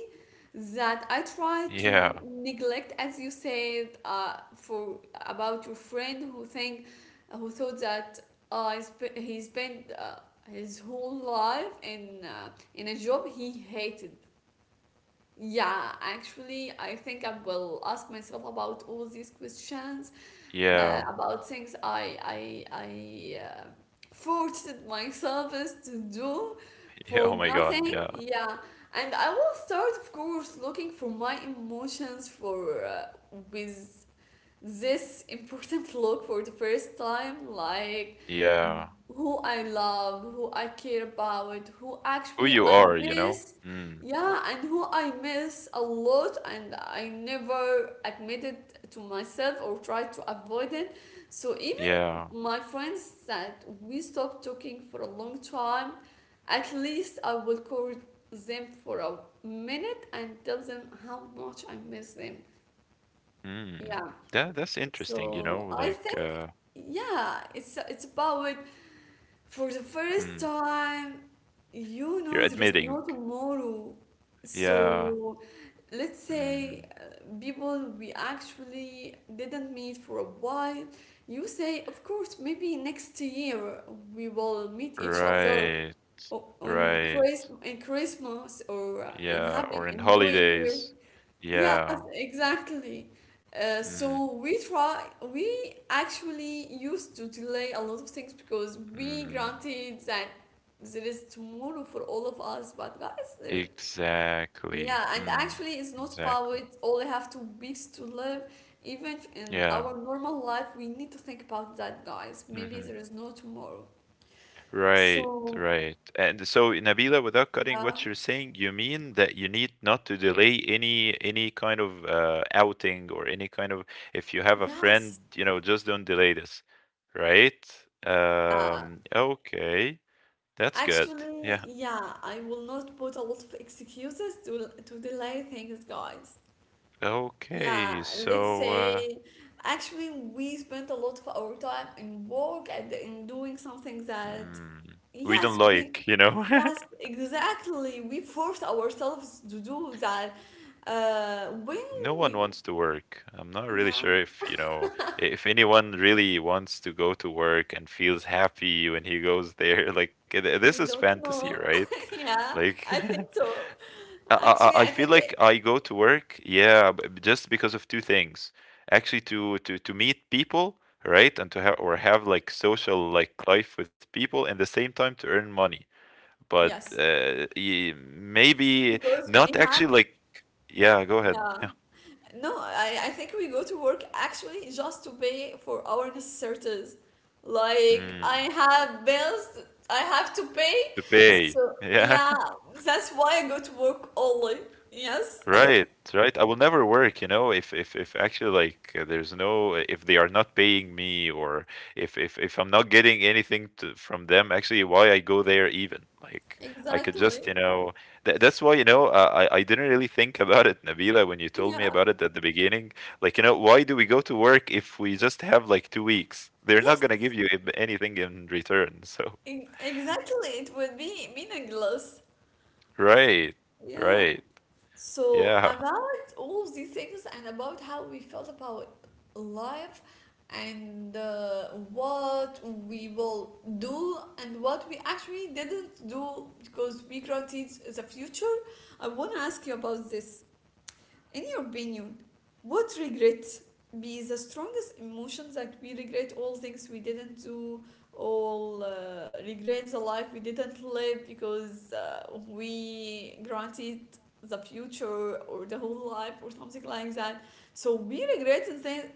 Speaker 1: that I try to
Speaker 2: Yeah.
Speaker 1: neglect, as you said, for about your friend who think, who thought that, he spent his whole life in, in a job he hated. Yeah, actually, I think I will ask myself about all these questions,
Speaker 2: Yeah.
Speaker 1: about things I forced myself is to do
Speaker 2: Yeah,
Speaker 1: for
Speaker 2: oh my
Speaker 1: nothing.
Speaker 2: god, yeah.
Speaker 1: Yeah, and I will start, of course, looking for my emotions for, with this important look for the first time, like
Speaker 2: Yeah.
Speaker 1: who I love, who I care about, who
Speaker 2: Who
Speaker 1: actually
Speaker 2: you
Speaker 1: I
Speaker 2: are, you know?
Speaker 1: miss.
Speaker 2: Mm.
Speaker 1: Yeah, and who I miss a lot, and I never admitted to myself or tried to avoid it. So, even
Speaker 2: Yeah.
Speaker 1: my friends that we stopped talking for a long time, at least I will call them for a minute and tell them how much I miss them.
Speaker 2: Mm.
Speaker 1: Yeah.
Speaker 2: That that's interesting, you
Speaker 1: So
Speaker 2: know,
Speaker 1: I
Speaker 2: like,
Speaker 1: think, yeah, it's about for the first
Speaker 2: mm,
Speaker 1: time,
Speaker 2: you're
Speaker 1: there is no
Speaker 2: admitting.
Speaker 1: tomorrow.
Speaker 2: Yeah.
Speaker 1: So let's say,
Speaker 2: Mm.
Speaker 1: people we actually didn't meet for a while. You say, of course, maybe next year we will meet each other
Speaker 2: Right.
Speaker 1: o- on
Speaker 2: Right.
Speaker 1: Christ in Christmas or, uh, in
Speaker 2: Yeah,
Speaker 1: Happy
Speaker 2: or in
Speaker 1: in New Year.
Speaker 2: holidays.
Speaker 1: Yes,
Speaker 2: Yeah.
Speaker 1: exactly.
Speaker 2: Mhm.
Speaker 1: So we actually used to delay a lot of things because we
Speaker 2: Mm.
Speaker 1: granted that there is tomorrow for all of us. But guys, there is,
Speaker 2: Exactly.
Speaker 1: yeah, and
Speaker 2: Mm.
Speaker 1: actually it's not about
Speaker 2: Exactly.
Speaker 1: only have 2 weeks to live. Even if in
Speaker 2: Yeah.
Speaker 1: our normal life, we need to think about that, guys. Maybe
Speaker 2: Mhm.
Speaker 1: there is no tomorrow.
Speaker 2: Right,
Speaker 1: So,
Speaker 2: right. And so, Nabila, without cutting
Speaker 1: yeah,
Speaker 2: what you're saying, you mean that you need not to delay any kind of outing or any kind of, if you have a friend,
Speaker 1: yes.
Speaker 2: you know, just don't delay this, right?
Speaker 1: Yeah.
Speaker 2: Okay, that's good.
Speaker 1: Actually,
Speaker 2: Yeah.
Speaker 1: yeah, I will not put a lot of excuses to delay things, guys. Yeah,
Speaker 2: Okay,
Speaker 1: let's
Speaker 2: so
Speaker 1: say actually we spent a lot of our time in work and in doing something that,
Speaker 2: mm, we don't
Speaker 1: yes, we,
Speaker 2: like, you know.
Speaker 1: yes, exactly. We forced ourselves to do that. When
Speaker 2: No one
Speaker 1: we,
Speaker 2: wants to work. I'm not really
Speaker 1: yeah,
Speaker 2: sure if, you know, if anyone really wants to go to work and feels happy when he goes there. Like, this
Speaker 1: I
Speaker 2: is
Speaker 1: don't
Speaker 2: fantasy,
Speaker 1: know.
Speaker 2: right?
Speaker 1: Yeah,
Speaker 2: Like,
Speaker 1: I think so.
Speaker 2: I, I
Speaker 1: Actually,
Speaker 2: I
Speaker 1: I
Speaker 2: feel
Speaker 1: think
Speaker 2: like
Speaker 1: it,
Speaker 2: I go to work, yeah, just because of two things. Actually, to meet people, right, and to have or have like social like life with people, and the same time to earn money. But
Speaker 1: yes,
Speaker 2: maybe
Speaker 1: because we
Speaker 2: not
Speaker 1: have.
Speaker 2: actually like, yeah. Go ahead.
Speaker 1: Yeah.
Speaker 2: Yeah.
Speaker 1: No, I think we go to work actually just to pay for our necessities. Like, I
Speaker 2: Mm.
Speaker 1: have bills I have to pay.
Speaker 2: To pay.
Speaker 1: So
Speaker 2: Yeah,
Speaker 1: yeah, that's why I go to work only. Yes.
Speaker 2: right, right. I will never work, you know, if actually like there's no if they are not paying me, or if I'm not getting anything to, from them, actually why I go there even? Like I could just,
Speaker 1: Exactly.
Speaker 2: you know, th that's why, you know, I didn't really think about it, Nabila, when you told me
Speaker 1: Yeah.
Speaker 2: about it at the beginning. Like, you know, why do we go to work if we just have like 2 weeks? They're not
Speaker 1: Yes.
Speaker 2: gonna give you anything in return. So,
Speaker 1: Exactly. It would be meaningless.
Speaker 2: right,
Speaker 1: Yeah.
Speaker 2: right.
Speaker 1: So
Speaker 2: Yeah.
Speaker 1: about all these things and about how we felt about life and, what we will do and what we actually didn't do because we granted the future, I want to ask you about this. In your opinion, what regret be the strongest emotion that we regret all things we didn't do, all, regret the life we didn't live because, we granted the future or the whole life or something like that. So we regret in,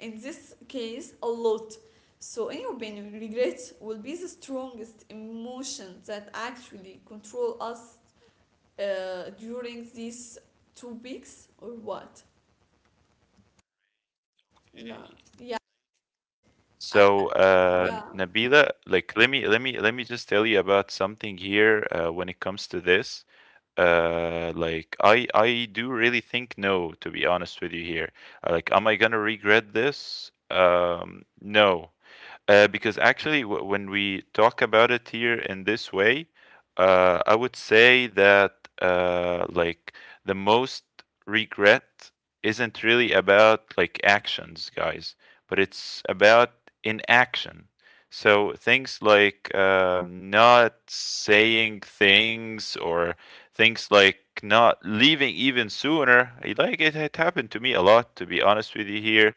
Speaker 1: in this case a lot. So in your opinion, regret will be the strongest emotion that actually control us, during these 2 weeks or what? La. Yeah, I,
Speaker 2: So,
Speaker 1: yeah,
Speaker 2: Nabila, like let me just tell you about something here when it comes to this. Like I do really think no, to be honest with you here. Like, am I gonna regret this? No. Because actually, when we talk about it here in this way, I would say that like the most regret isn't really about like actions, guys, but it's about inaction. So things like not saying things, or things like not leaving even sooner. Like it had happened to me a lot, to be honest with you here.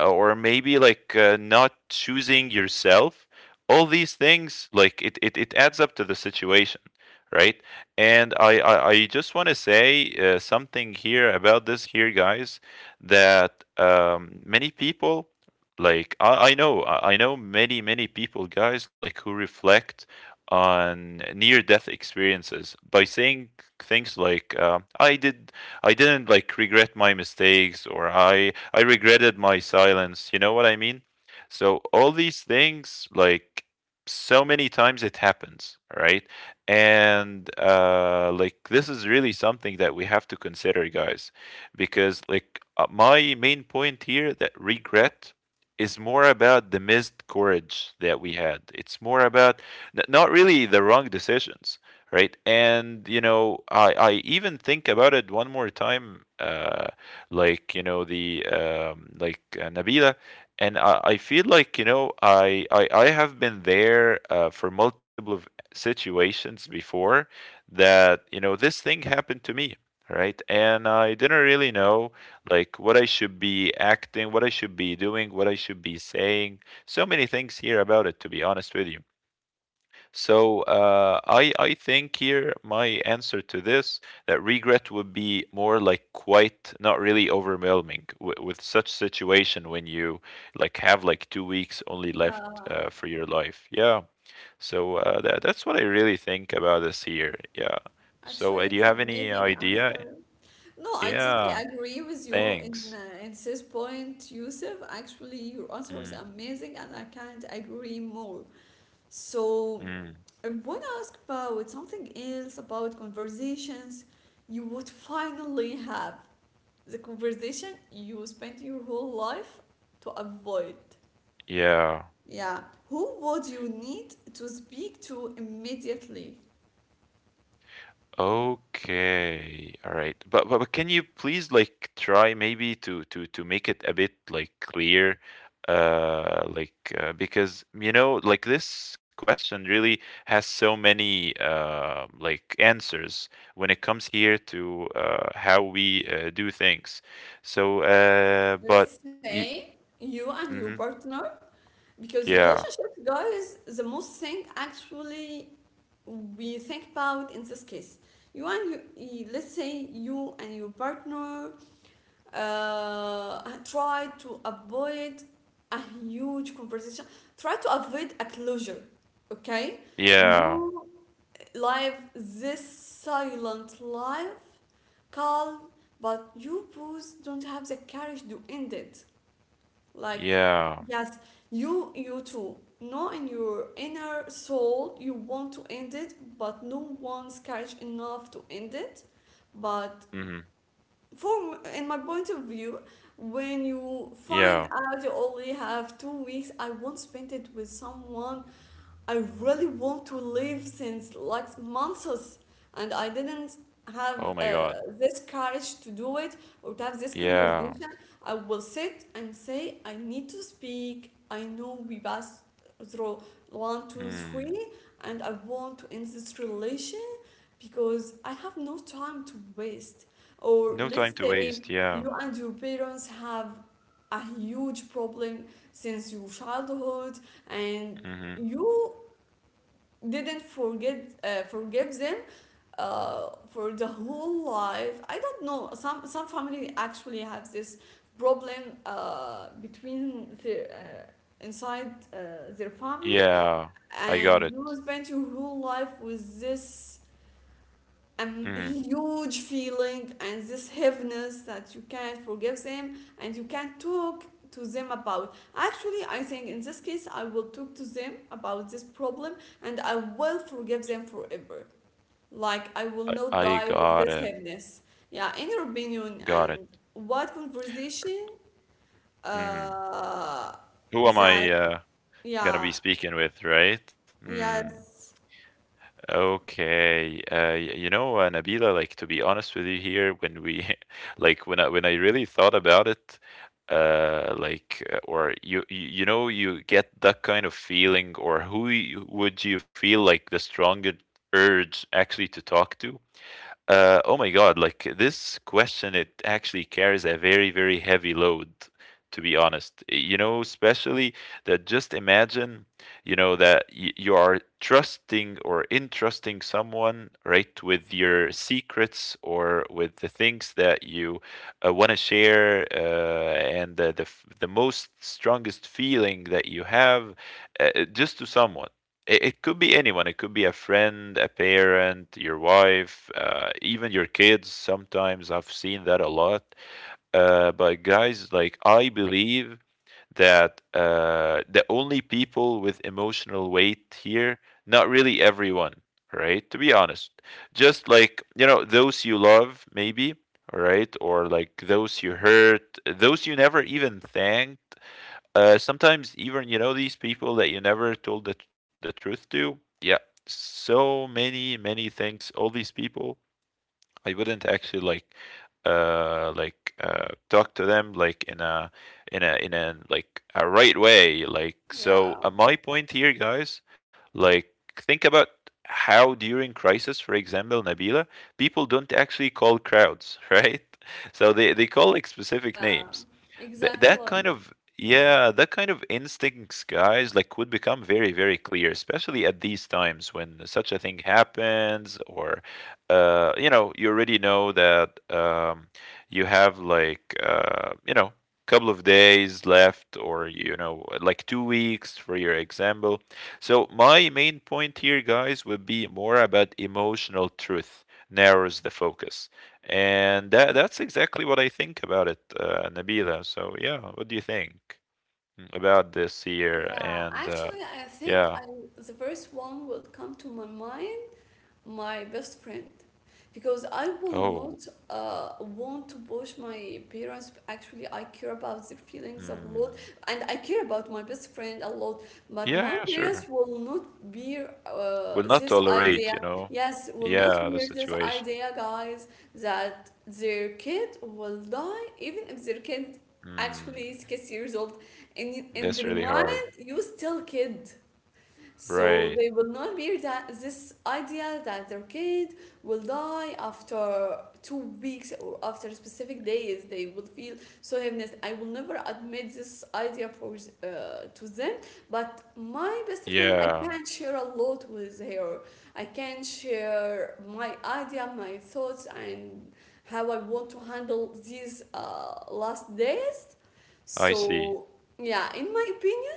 Speaker 2: Or maybe like not choosing yourself. All these things like it adds up to the situation, right? I just want to say something here about this here, guys, that many people, like I know many many people, guys, like who reflect on near death experiences by saying things like I didn't like regret my mistakes, or I regretted my silence. You know what I mean? So all these things, like so many times it happens, right? And like this is really something that we have to consider, guys, because like my main point here that regret is more about the missed courage that we had. It's more about not really the wrong decisions, right? And you know, I even think about it one more time, like you know the like Nabila, and I feel like you know I have been there for multiple of situations before, that you know this thing happened to me. Right, and I didn't really know like what I should be acting, what I should be doing, what I should be saying. So many things here about it, to be honest with you. So , I think here my answer to this, that regret would be more like quite not really overwhelming with such situation when you like have like 2 weeks only left
Speaker 1: yeah.
Speaker 2: for your life. Yeah. So that that's what I really think about this here. Yeah. So
Speaker 1: Actually,
Speaker 2: do you
Speaker 1: it's
Speaker 2: have any
Speaker 1: amazing
Speaker 2: idea?
Speaker 1: answer. No, I totally
Speaker 2: Yeah.
Speaker 1: agree with you in,
Speaker 2: Thanks.
Speaker 1: in this point, Yusuf. Actually, your answer was
Speaker 2: Mm,
Speaker 1: amazing, and I can't agree more. So
Speaker 2: mm,
Speaker 1: I want to ask about something else about conversations. You would finally have the conversation you spent your whole life to avoid.
Speaker 2: yeah.
Speaker 1: Yeah. Who would you need to speak to immediately? Yeah.
Speaker 2: Okay. All right. But, can you please like try maybe to make it a bit like clear because you know like this question really has so many like answers when it comes here to how we do things. So but
Speaker 1: Let's
Speaker 2: y
Speaker 1: say you and your
Speaker 2: hmm
Speaker 1: partner, because
Speaker 2: yeah.
Speaker 1: relationship guys, the most thing actually we think about in this case. You and you, y- Let's say you and your partner, try to avoid a huge conversation. Try to avoid a closure. Okay,
Speaker 2: Yeah.
Speaker 1: you live this silent life, calm, but you both don't have the courage to end it. Like,
Speaker 2: Yeah.
Speaker 1: yes, you too know in your inner soul you want to end it, but no one's courage enough to end it. But
Speaker 2: Hmm.
Speaker 1: for in my point of view, when you find
Speaker 2: Yeah.
Speaker 1: out you only have 2 weeks, I won't spend it with someone I really want to live since like months, and I didn't have,
Speaker 2: Oh my God.
Speaker 1: this courage to do it or to have this
Speaker 2: Yeah.
Speaker 1: conversation. I will sit and say, I need to speak. I know we passed through one, two,
Speaker 2: Mm.
Speaker 1: three, and I want to end this relation because I have no time to waste. Or
Speaker 2: No time
Speaker 1: let's
Speaker 2: to waste.
Speaker 1: say
Speaker 2: Yeah.
Speaker 1: you and your parents have a huge problem since your childhood and
Speaker 2: Hmm.
Speaker 1: you didn't forget forgive them, for the whole life. I don't know. Some family actually have this problem, between their inside, their family,
Speaker 2: Yeah. I got
Speaker 1: and
Speaker 2: it.
Speaker 1: you spend your whole life with this
Speaker 2: Mm.
Speaker 1: huge feeling and this heaviness that you can't forgive them and you can't talk to them about. Actually, I think in this case I will talk to them about this problem and I will forgive them forever. Like, I will not
Speaker 2: I
Speaker 1: die with
Speaker 2: got
Speaker 1: this
Speaker 2: it.
Speaker 1: heaviness. Yeah, in your opinion,
Speaker 2: Got it.
Speaker 1: and what conversation,
Speaker 2: Mm.
Speaker 1: uh
Speaker 2: Who am
Speaker 1: that,
Speaker 2: I gonna
Speaker 1: yeah,
Speaker 2: be speaking with, right? Mm.
Speaker 1: yes,
Speaker 2: Okay. You know, Nabila, like to be honest with you here, when we, like, when I really thought about it, like, or you know, you get that kind of feeling, or who you, would you feel like the strongest urge actually to talk to? Oh my God, like this question, it actually carries a very, very heavy load, to be honest. You know, especially that just imagine, you know, that y you are trusting or entrusting someone, right, with your secrets or with the things that you want to share, and the the most strongest feeling that you have, just to someone. It could be anyone. It could be a friend, a parent, your wife, even your kids. Sometimes I've seen that a lot. But guys, like I believe that the only people with emotional weight here, not really everyone, right? To be honest, just like you know those you love, maybe. All right, or like those you hurt, those you never even thank, sometimes even you know these people that you never told the truth to. Yeah, so many many things. All these people I wouldn't actually like talk to them like in a in a in a like a right way. Like,
Speaker 1: yeah,
Speaker 2: so my point here, guys, like think about how during crisis, for example, Nabila, people don't actually call crowds right? So they call like specific
Speaker 1: yeah,
Speaker 2: names.
Speaker 1: exactly.
Speaker 2: That kind of, yeah, that kind of instincts, guys, like would become very very clear, especially at these times when such a thing happens, or you know, you already know that you have like you know, couple of days left, or you know, like 2 weeks for your example. So my main point here, guys, would be more about emotional truth narrows the focus, and that's exactly what I think about it, Nabila. So yeah, what do you think, mm, about this here?
Speaker 1: Yeah,
Speaker 2: And
Speaker 1: actually, I think
Speaker 2: yeah,
Speaker 1: I the first one will come to my mind, my best friend, because I will
Speaker 2: oh,
Speaker 1: not, want to push my parents. Actually, I care about their feelings a lot,
Speaker 2: mm,
Speaker 1: and I care about my best friend a lot. But
Speaker 2: yeah,
Speaker 1: my
Speaker 2: yeah,
Speaker 1: parents
Speaker 2: sure.
Speaker 1: will not bear,
Speaker 2: Will not
Speaker 1: this idea.
Speaker 2: tolerate, you know.
Speaker 1: Yes, will not
Speaker 2: Yeah, the
Speaker 1: bear this
Speaker 2: situation.
Speaker 1: idea, guys, that their kid will die, even if their kid
Speaker 2: Hmm.
Speaker 1: actually is 6 years old. In
Speaker 2: That's
Speaker 1: their
Speaker 2: really hard.
Speaker 1: mind, you still kid, so
Speaker 2: Right.
Speaker 1: they will not bear that this idea that their kid will die after 2 weeks or after specific days. They will feel so heaviness. I will never admit this idea for to them. But my best friend, I
Speaker 2: Yeah,
Speaker 1: can share a lot with her. I can share my idea, my thoughts, and how I want to handle these, last days.
Speaker 2: I see.
Speaker 1: So yeah, in my opinion,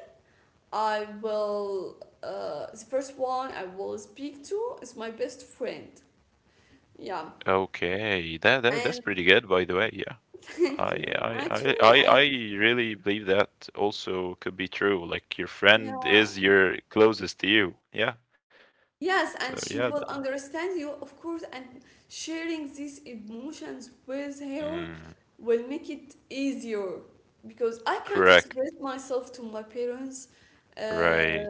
Speaker 1: I will. The first one I will speak to is my best friend. Yeah,
Speaker 2: Okay. That, that
Speaker 1: and
Speaker 2: that's pretty good, by the way. Yeah.
Speaker 1: thank
Speaker 2: I
Speaker 1: you.
Speaker 2: I I
Speaker 1: Actually,
Speaker 2: I
Speaker 1: I,
Speaker 2: I really believe that also could be true. Like your friend
Speaker 1: yeah.
Speaker 2: is your closest to you. Yeah.
Speaker 1: Yes,
Speaker 2: So
Speaker 1: and she
Speaker 2: yeah.
Speaker 1: will understand you, of course, and sharing these emotions with her
Speaker 2: Mm,
Speaker 1: will make it easier because I can't
Speaker 2: correct.
Speaker 1: express myself to my parents. Uh,
Speaker 2: Right.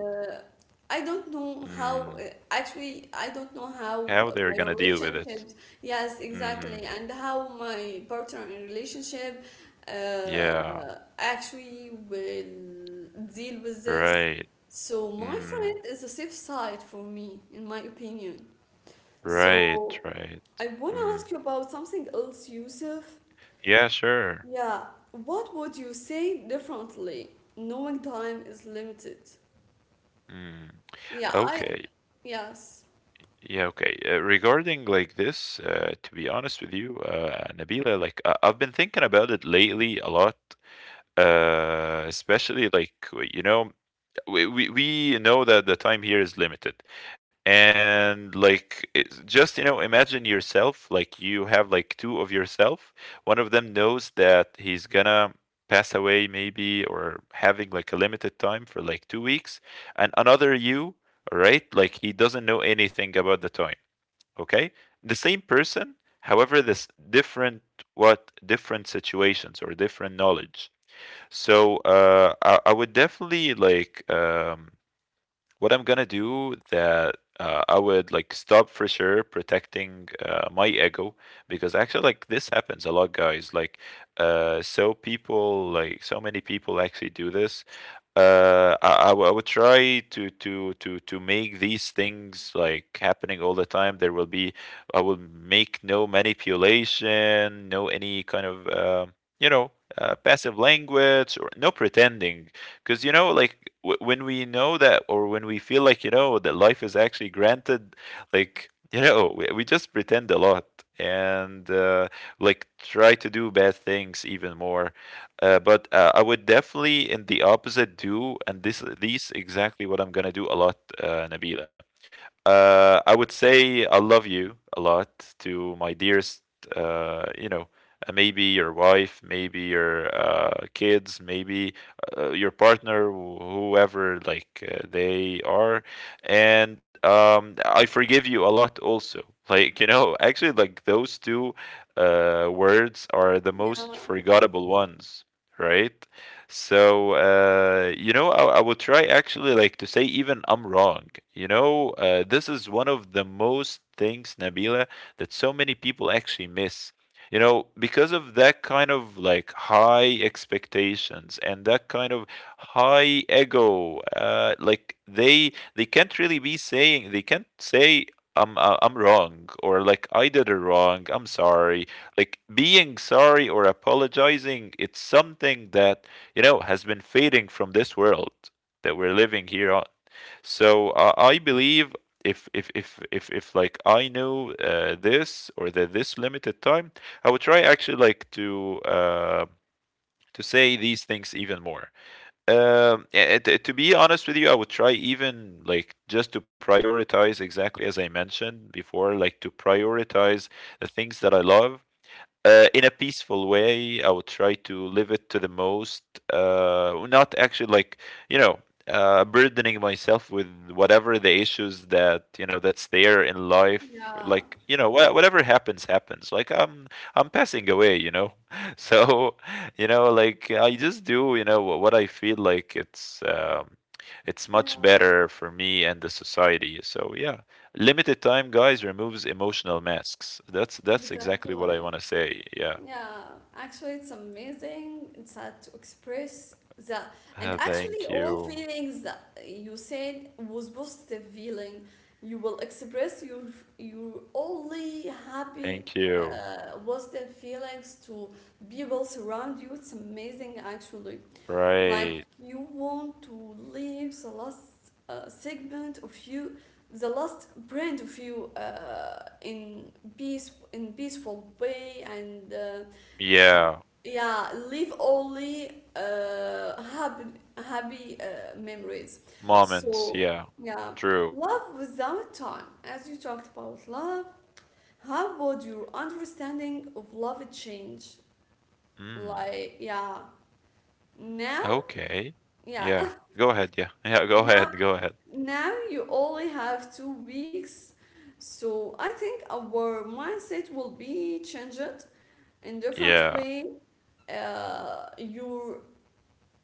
Speaker 1: I don't know
Speaker 2: Mm,
Speaker 1: how, actually, I don't know how
Speaker 2: how they're gonna
Speaker 1: my
Speaker 2: deal with it.
Speaker 1: relationships, yes,
Speaker 2: Hmm.
Speaker 1: exactly, and how my partner in relationship, uh,
Speaker 2: Yeah.
Speaker 1: actually will deal with this.
Speaker 2: Right.
Speaker 1: So my
Speaker 2: Mm.
Speaker 1: friend is a safe side for me, in my opinion.
Speaker 2: Right,
Speaker 1: So
Speaker 2: right.
Speaker 1: I want to ask
Speaker 2: Mm.
Speaker 1: you about something else, Yusuf.
Speaker 2: Yeah, sure.
Speaker 1: Yeah, what would you say differently, knowing time is limited?
Speaker 2: Mm.
Speaker 1: Yeah, I,
Speaker 2: Okay.
Speaker 1: yes,
Speaker 2: Yeah, okay. Regarding like this, to be honest with you, Nabila, like I've been thinking about it lately a lot, especially like you know we know that the time here is limited, and like it's just, you know, imagine yourself, like you have like two of yourself. One of them knows that he's gonna pass away maybe, or having like a limited time for like 2 weeks, and another you, all right, like he doesn't know anything about the time. Okay, the same person, however this different, what different situations or different knowledge. So I would definitely like, what I'm gonna do that, I would like stop for sure protecting my ego, because actually like this happens a lot, guys. Like so people, like so many people actually do this. I would try to make these things like happening all the time. There will be, I will make no manipulation, no any kind of you know passive language or no pretending, because you know like when we know that, or when we feel like, you know, that life is actually granted, like, you know, we just pretend a lot, and like try to do bad things even more. But I would definitely in the opposite do, and this these exactly what I'm gonna do a lot, nabila. I would say I love you a lot to my dearest, you know, maybe your wife, maybe your kids, maybe your partner, whoever like they are, and I forgive you a lot also. Like you know, actually, like those two words are the
Speaker 1: yeah,
Speaker 2: most forgettable ones, right? So you know, I would try actually like to say even I'm wrong. You know, this is one of the most things, Nabila, that so many people actually miss. You know, because of that kind of like high expectations and that kind of high ego, like they can't really be saying, they can't say I'm wrong, or like I did it wrong. I'm sorry. Like being sorry or apologizing, it's something that, you know, has been fading from this world that we're living here on. So I believe if like I knew this, or that this limited time, I would try actually like to say these things even more. To be honest with you, I would try even like just to prioritize exactly as I mentioned before, like to prioritize the things that I love in a peaceful way. I would try to live it to the most, not actually like, you know, burdening myself with whatever the issues that, you know, that's there in life.
Speaker 1: yeah,
Speaker 2: Like you know, whatever happens, happens. I'm passing away. You know, so you know, like I just do. You know what I feel like. It's much
Speaker 1: yeah,
Speaker 2: better for me and the society. So yeah. Limited time, guys, removes emotional masks. That's exactly what I
Speaker 1: exactly.
Speaker 2: want to say. Yeah.
Speaker 1: Yeah, actually, it's amazing. It's hard to express the and actually
Speaker 2: Thank
Speaker 1: all
Speaker 2: you.
Speaker 1: feelings that you said was positive feeling. You will express your only happy,
Speaker 2: Thank you.
Speaker 1: positive feelings to people surround you. It's amazing, actually. Like,
Speaker 2: Right.
Speaker 1: you want to leave the last, segment of you, the last brand of you, in peace, in peaceful way and.
Speaker 2: Yeah.
Speaker 1: Yeah, leave only, uh, happy happy, memories.
Speaker 2: Moments.
Speaker 1: So
Speaker 2: Yeah.
Speaker 1: yeah,
Speaker 2: True.
Speaker 1: love without time, as you talked about love. How would your understanding of love change?
Speaker 2: Mm.
Speaker 1: Like, yeah, now,
Speaker 2: Okay.
Speaker 1: yeah.
Speaker 2: Yeah. Go ahead. Yeah. Yeah. Go
Speaker 1: now
Speaker 2: ahead. Go ahead.
Speaker 1: now you only have 2 weeks, so I think our mindset will be changed in different
Speaker 2: Yeah.
Speaker 1: way. Your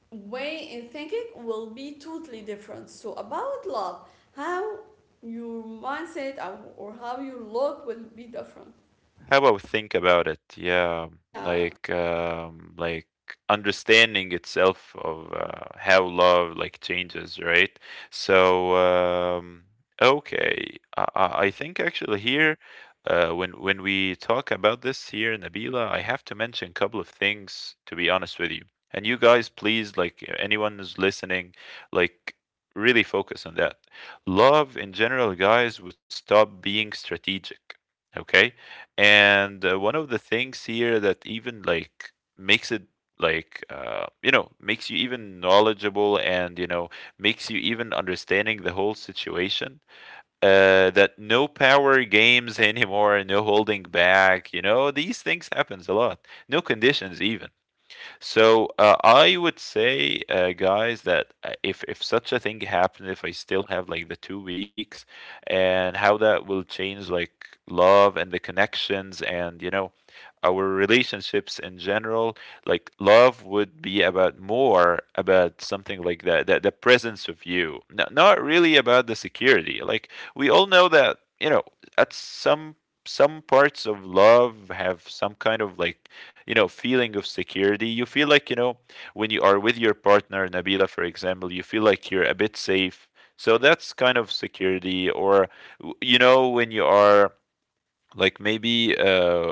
Speaker 1: way in thinking will be totally different. So about love, how your mindset or how you look will be different.
Speaker 2: How about think about it? Yeah,
Speaker 1: Yeah,
Speaker 2: like understanding itself of how love like changes, right? So okay, I think actually here, when we talk about this here, Nabila, I have to mention a couple of things, to be honest with you. And you guys, please, like anyone who's listening, like really focus on that. Love in general, guys, would stop being strategic. Okay, and one of the things here that even like makes it like you know, makes you even knowledgeable, and you know makes you even understanding the whole situation, that no power games anymore, no holding back, you know, these things happens a lot, no conditions even. So I would say, guys, that if such a thing happened, if I still have like the 2 weeks, and how that will change like love and the connections, and you know our relationships in general, like love would be about, more about something like that, that the presence of you, no, not really about the security. Like we all know that you know at some parts of love have some kind of like, you know, feeling of security. You feel like, you know, when you are with your partner, Nabila, for example, you feel like you're a bit safe, so that's kind of security. Or you know, when you are like maybe uh,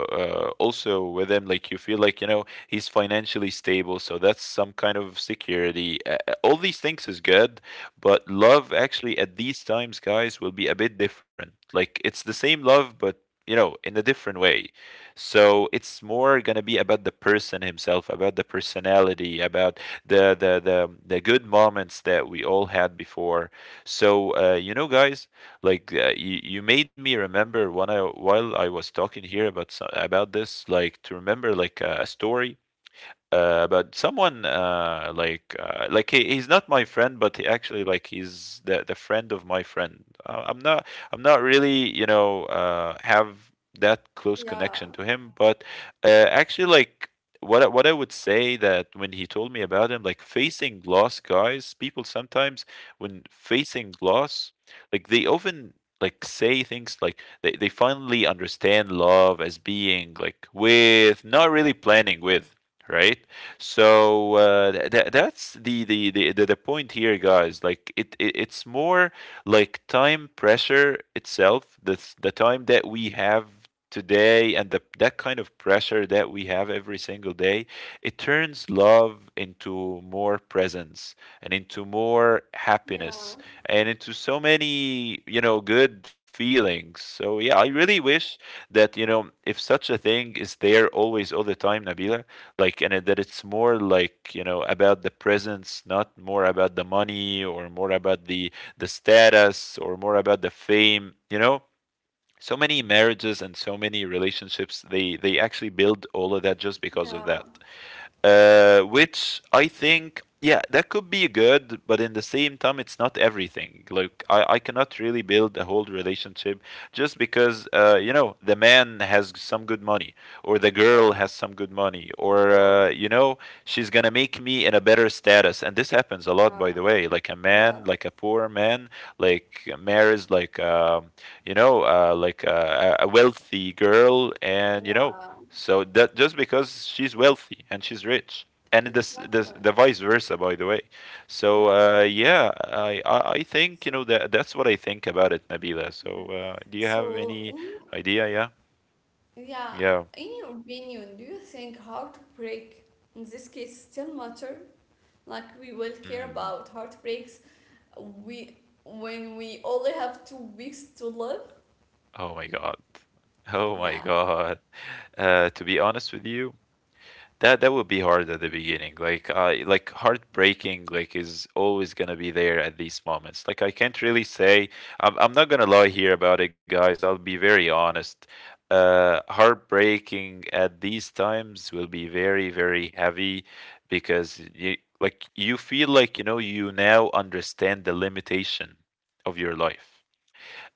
Speaker 2: uh, also with him, like you feel like, you know, he's financially stable, so that's some kind of security. All these things is good, but love actually at these times, guys, will be a bit different. Like it's the same love, but you know, in a different way. So it's more gonna be about the person himself, about the personality, about the good moments that we all had before. So you know, guys, like you made me remember, when I while I was talking here about about this, like to remember like a story but someone, like he's not my friend, but he actually like he's the friend of my friend. I'm not, I'm not really you know have that close
Speaker 1: yeah,
Speaker 2: connection to him, but actually like what what I would say that when he told me about him, like facing loss, guys, people sometimes when facing loss, like they often like say things like they finally understand love as being like, with not really planning with, right? So that's the point here, guys. Like it it's more like time pressure itself. The the time that we have today, and the that kind of pressure that we have every single day, it turns love into more presence, and into more happiness,
Speaker 1: yeah,
Speaker 2: and into so many you know good feelings. So yeah, I really wish that, you know, if such a thing is there always all the time, Nabila, like, and that it's more like, you know, about the presence, not more about the money, or more about the status, or more about the fame. You know, so many marriages and so many relationships, they actually build all of that just because of that.
Speaker 1: yeah,
Speaker 2: Which I think, yeah, that could be good, but in the same time, it's not everything. Like, I cannot really build a whole relationship just because, you know, the man has some good money, or the girl
Speaker 1: yeah.
Speaker 2: has some good money, or,
Speaker 1: Of course.
Speaker 2: you know, she's gonna make me in a better status. And this happens a lot, by
Speaker 1: Yeah,
Speaker 2: the way. Like, a man,
Speaker 1: yes,
Speaker 2: like a poor man, like, marries, like, you know, a wealthy girl, and, you know,
Speaker 1: yeah,
Speaker 2: so that just because she's wealthy and she's rich, and this
Speaker 1: exactly.
Speaker 2: the vice versa, by the way. So
Speaker 1: Yeah.
Speaker 2: yeah, I think you know
Speaker 1: So,
Speaker 2: that that's what I think about it, Nabila.
Speaker 1: yeah.
Speaker 2: So do you have
Speaker 1: So,
Speaker 2: any
Speaker 1: in,
Speaker 2: idea? Yeah,
Speaker 1: yeah,
Speaker 2: yeah.
Speaker 1: in your opinion, do you think heartbreak in this case still matter? Like, we will care
Speaker 2: Mm.
Speaker 1: about heartbreaks we when we only have 2 weeks to live.
Speaker 2: Oh my God. Oh my
Speaker 1: Yeah.
Speaker 2: God. To be honest with you, that that would be hard at the beginning. Like I like heartbreaking like is always gonna be there at these moments. Like I can't really say, I'm not gonna lie here about it, guys. I'll be very honest. Uh, heartbreaking at these times will be very, very heavy, because you, like you feel like, you know, you now understand the limitation of your life.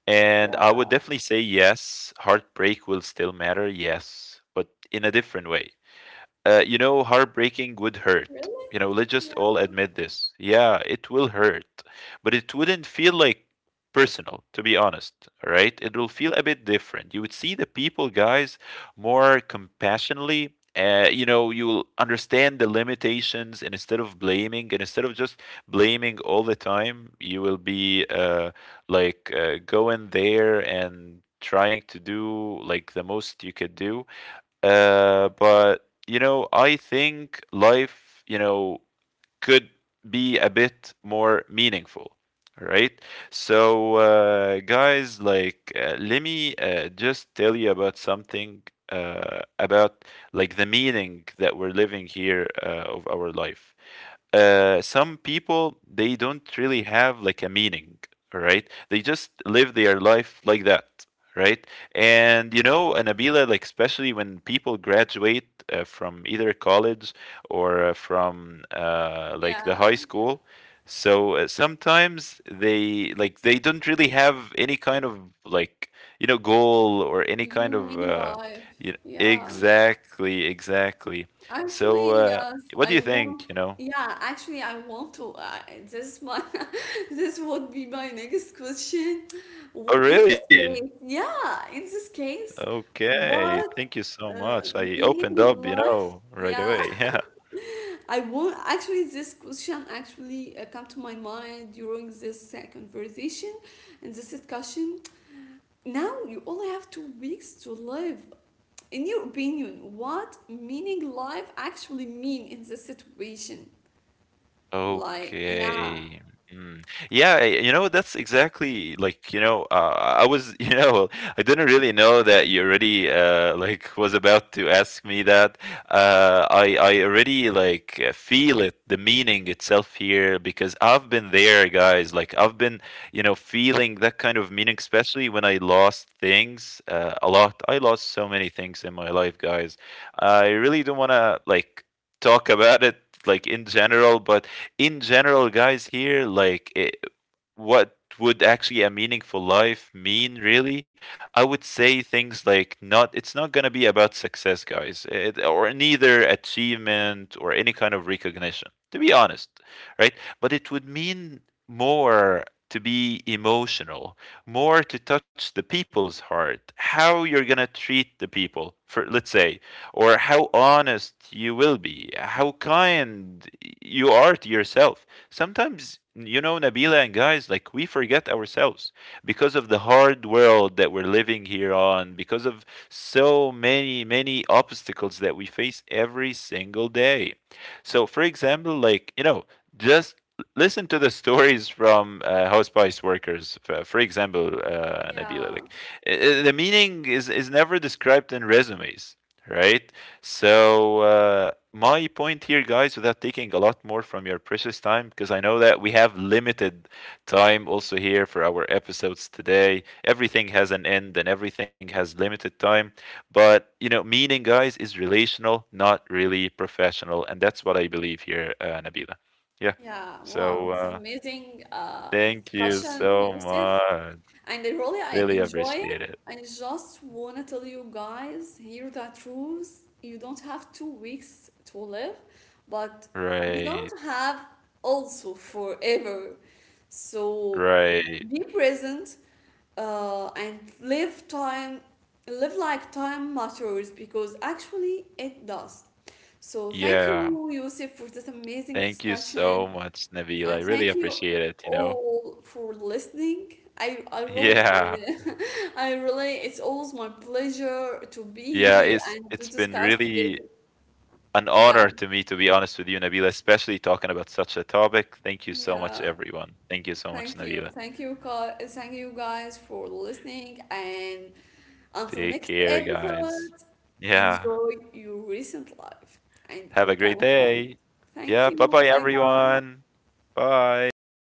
Speaker 2: And I would
Speaker 1: Yeah.
Speaker 2: definitely say yes, heartbreak will still matter, yes, but in a different way. You know, heartbreaking would hurt.
Speaker 1: Really?
Speaker 2: You know, let's just all
Speaker 1: Yeah.
Speaker 2: admit this. Yeah, it will hurt, but it wouldn't feel like personal, to be honest, right? It will feel a bit different. You would see the people, guys, more compassionately. You know, you will understand the limitations, and instead of blaming, and instead of just blaming all the time, you will be going there and trying to do like the most you could do. But you know, I think life, you know, could be a bit more meaningful. All right. So, guys, like, let me just tell you about something about like the meaning that we're living here of our life. Some people, they don't really have like a meaning, right? They just live their life like that, right? And you know, and Nabila, like especially when people graduate from either college, or from like the high
Speaker 1: Yeah.
Speaker 2: school. So sometimes they like they don't really have any kind of, like, you know, goal, or any kind of
Speaker 1: Meaning life.
Speaker 2: you,
Speaker 1: Yeah.
Speaker 2: exactly, exactly. So
Speaker 1: Actually, yes,
Speaker 2: what do
Speaker 1: I
Speaker 2: you
Speaker 1: want.
Speaker 2: think, you know?
Speaker 1: Yeah, actually, I want to. This is my this would be my next question.
Speaker 2: Oh,
Speaker 1: In this
Speaker 2: really?
Speaker 1: case, yeah, in this case,
Speaker 2: Okay. Thank
Speaker 1: what,
Speaker 2: you so
Speaker 1: uh,
Speaker 2: much. I opened
Speaker 1: meaning
Speaker 2: up, you
Speaker 1: life?
Speaker 2: know, right
Speaker 1: Yeah.
Speaker 2: away. Yeah.
Speaker 1: I won't actually, this question actually, come to my mind during this, conversation and this discussion. Now you only have 2 weeks to live. In your opinion, what meaning life actually mean in this situation? Like, yeah,
Speaker 2: Okay. Mm. Yeah, you know, that's exactly like, you know, I was, you know, I didn't really know that you already like was about to ask me that. I already like feel it, the meaning itself here, because I've been there, guys. Like I've been, you know, feeling that kind of meaning, especially when I lost things a lot. I lost so many things in my life, guys. I really don't want to like talk about it like in general, but in general, guys, here, like, it, what would actually a meaningful life mean, really? I would say things like, not, it's not going to be about success, guys, it, or neither achievement, or any kind of recognition, to be honest, right? But it would mean more to be emotional, more to touch the people's heart, how you're going to treat the people, for let's say, or how honest you will be, how kind you are to yourself sometimes, you know, Nabila and guys, like we forget ourselves, because of the hard world that we're living here on, because of so many many obstacles that we face every single day. So for example, like, you know, just listen to the stories from hospice workers for example, Nabila,
Speaker 1: yeah.
Speaker 2: like the meaning is never described in resumes, right? So my point here, guys, without taking a lot more from your precious time, because I know that we have limited time also here for our episodes today. Everything has an end, and everything has limited time. But, you know, meaning, guys, is relational, not really professional. And that's what I believe here, Nabila. Yeah.
Speaker 1: Yeah, wow,
Speaker 2: So
Speaker 1: it's amazing,
Speaker 2: thank you
Speaker 1: discussion,
Speaker 2: so
Speaker 1: Yusuf.
Speaker 2: much.
Speaker 1: And I really I
Speaker 2: Really
Speaker 1: enjoy it.
Speaker 2: appreciate it.
Speaker 1: I just want to tell you guys here the truth. You don't have 2 weeks to live, but you
Speaker 2: Right.
Speaker 1: don't have also forever. So
Speaker 2: Right.
Speaker 1: be present, and live time, live like time matters because actually it does. So thank
Speaker 2: Yeah.
Speaker 1: you, Yusuf, for this amazing
Speaker 2: Thank you
Speaker 1: discussion.
Speaker 2: so much, Nabil. I
Speaker 1: And
Speaker 2: really
Speaker 1: thank you
Speaker 2: appreciate it, you know?
Speaker 1: all for listening. I really,
Speaker 2: Yeah.
Speaker 1: I really, it's always my pleasure to be
Speaker 2: Yeah,
Speaker 1: here and to
Speaker 2: it's been
Speaker 1: discuss together.
Speaker 2: really an
Speaker 1: Yeah,
Speaker 2: honor to me, to be honest with you, Nabil, especially talking about such a topic. Thank you so much,
Speaker 1: yeah.
Speaker 2: everyone. Thank you so
Speaker 1: Thank
Speaker 2: much,
Speaker 1: you.
Speaker 2: Nabil.
Speaker 1: Thank you, guys. Thank you guys for listening. And until
Speaker 2: Take
Speaker 1: next
Speaker 2: care,
Speaker 1: episode,
Speaker 2: guys. Yeah.
Speaker 1: enjoy your recent life and your
Speaker 2: Have a great
Speaker 1: current moment.
Speaker 2: day.
Speaker 1: Thank
Speaker 2: Yeah,
Speaker 1: you.
Speaker 2: bye-bye
Speaker 1: Bye bye.
Speaker 2: everyone. Bye.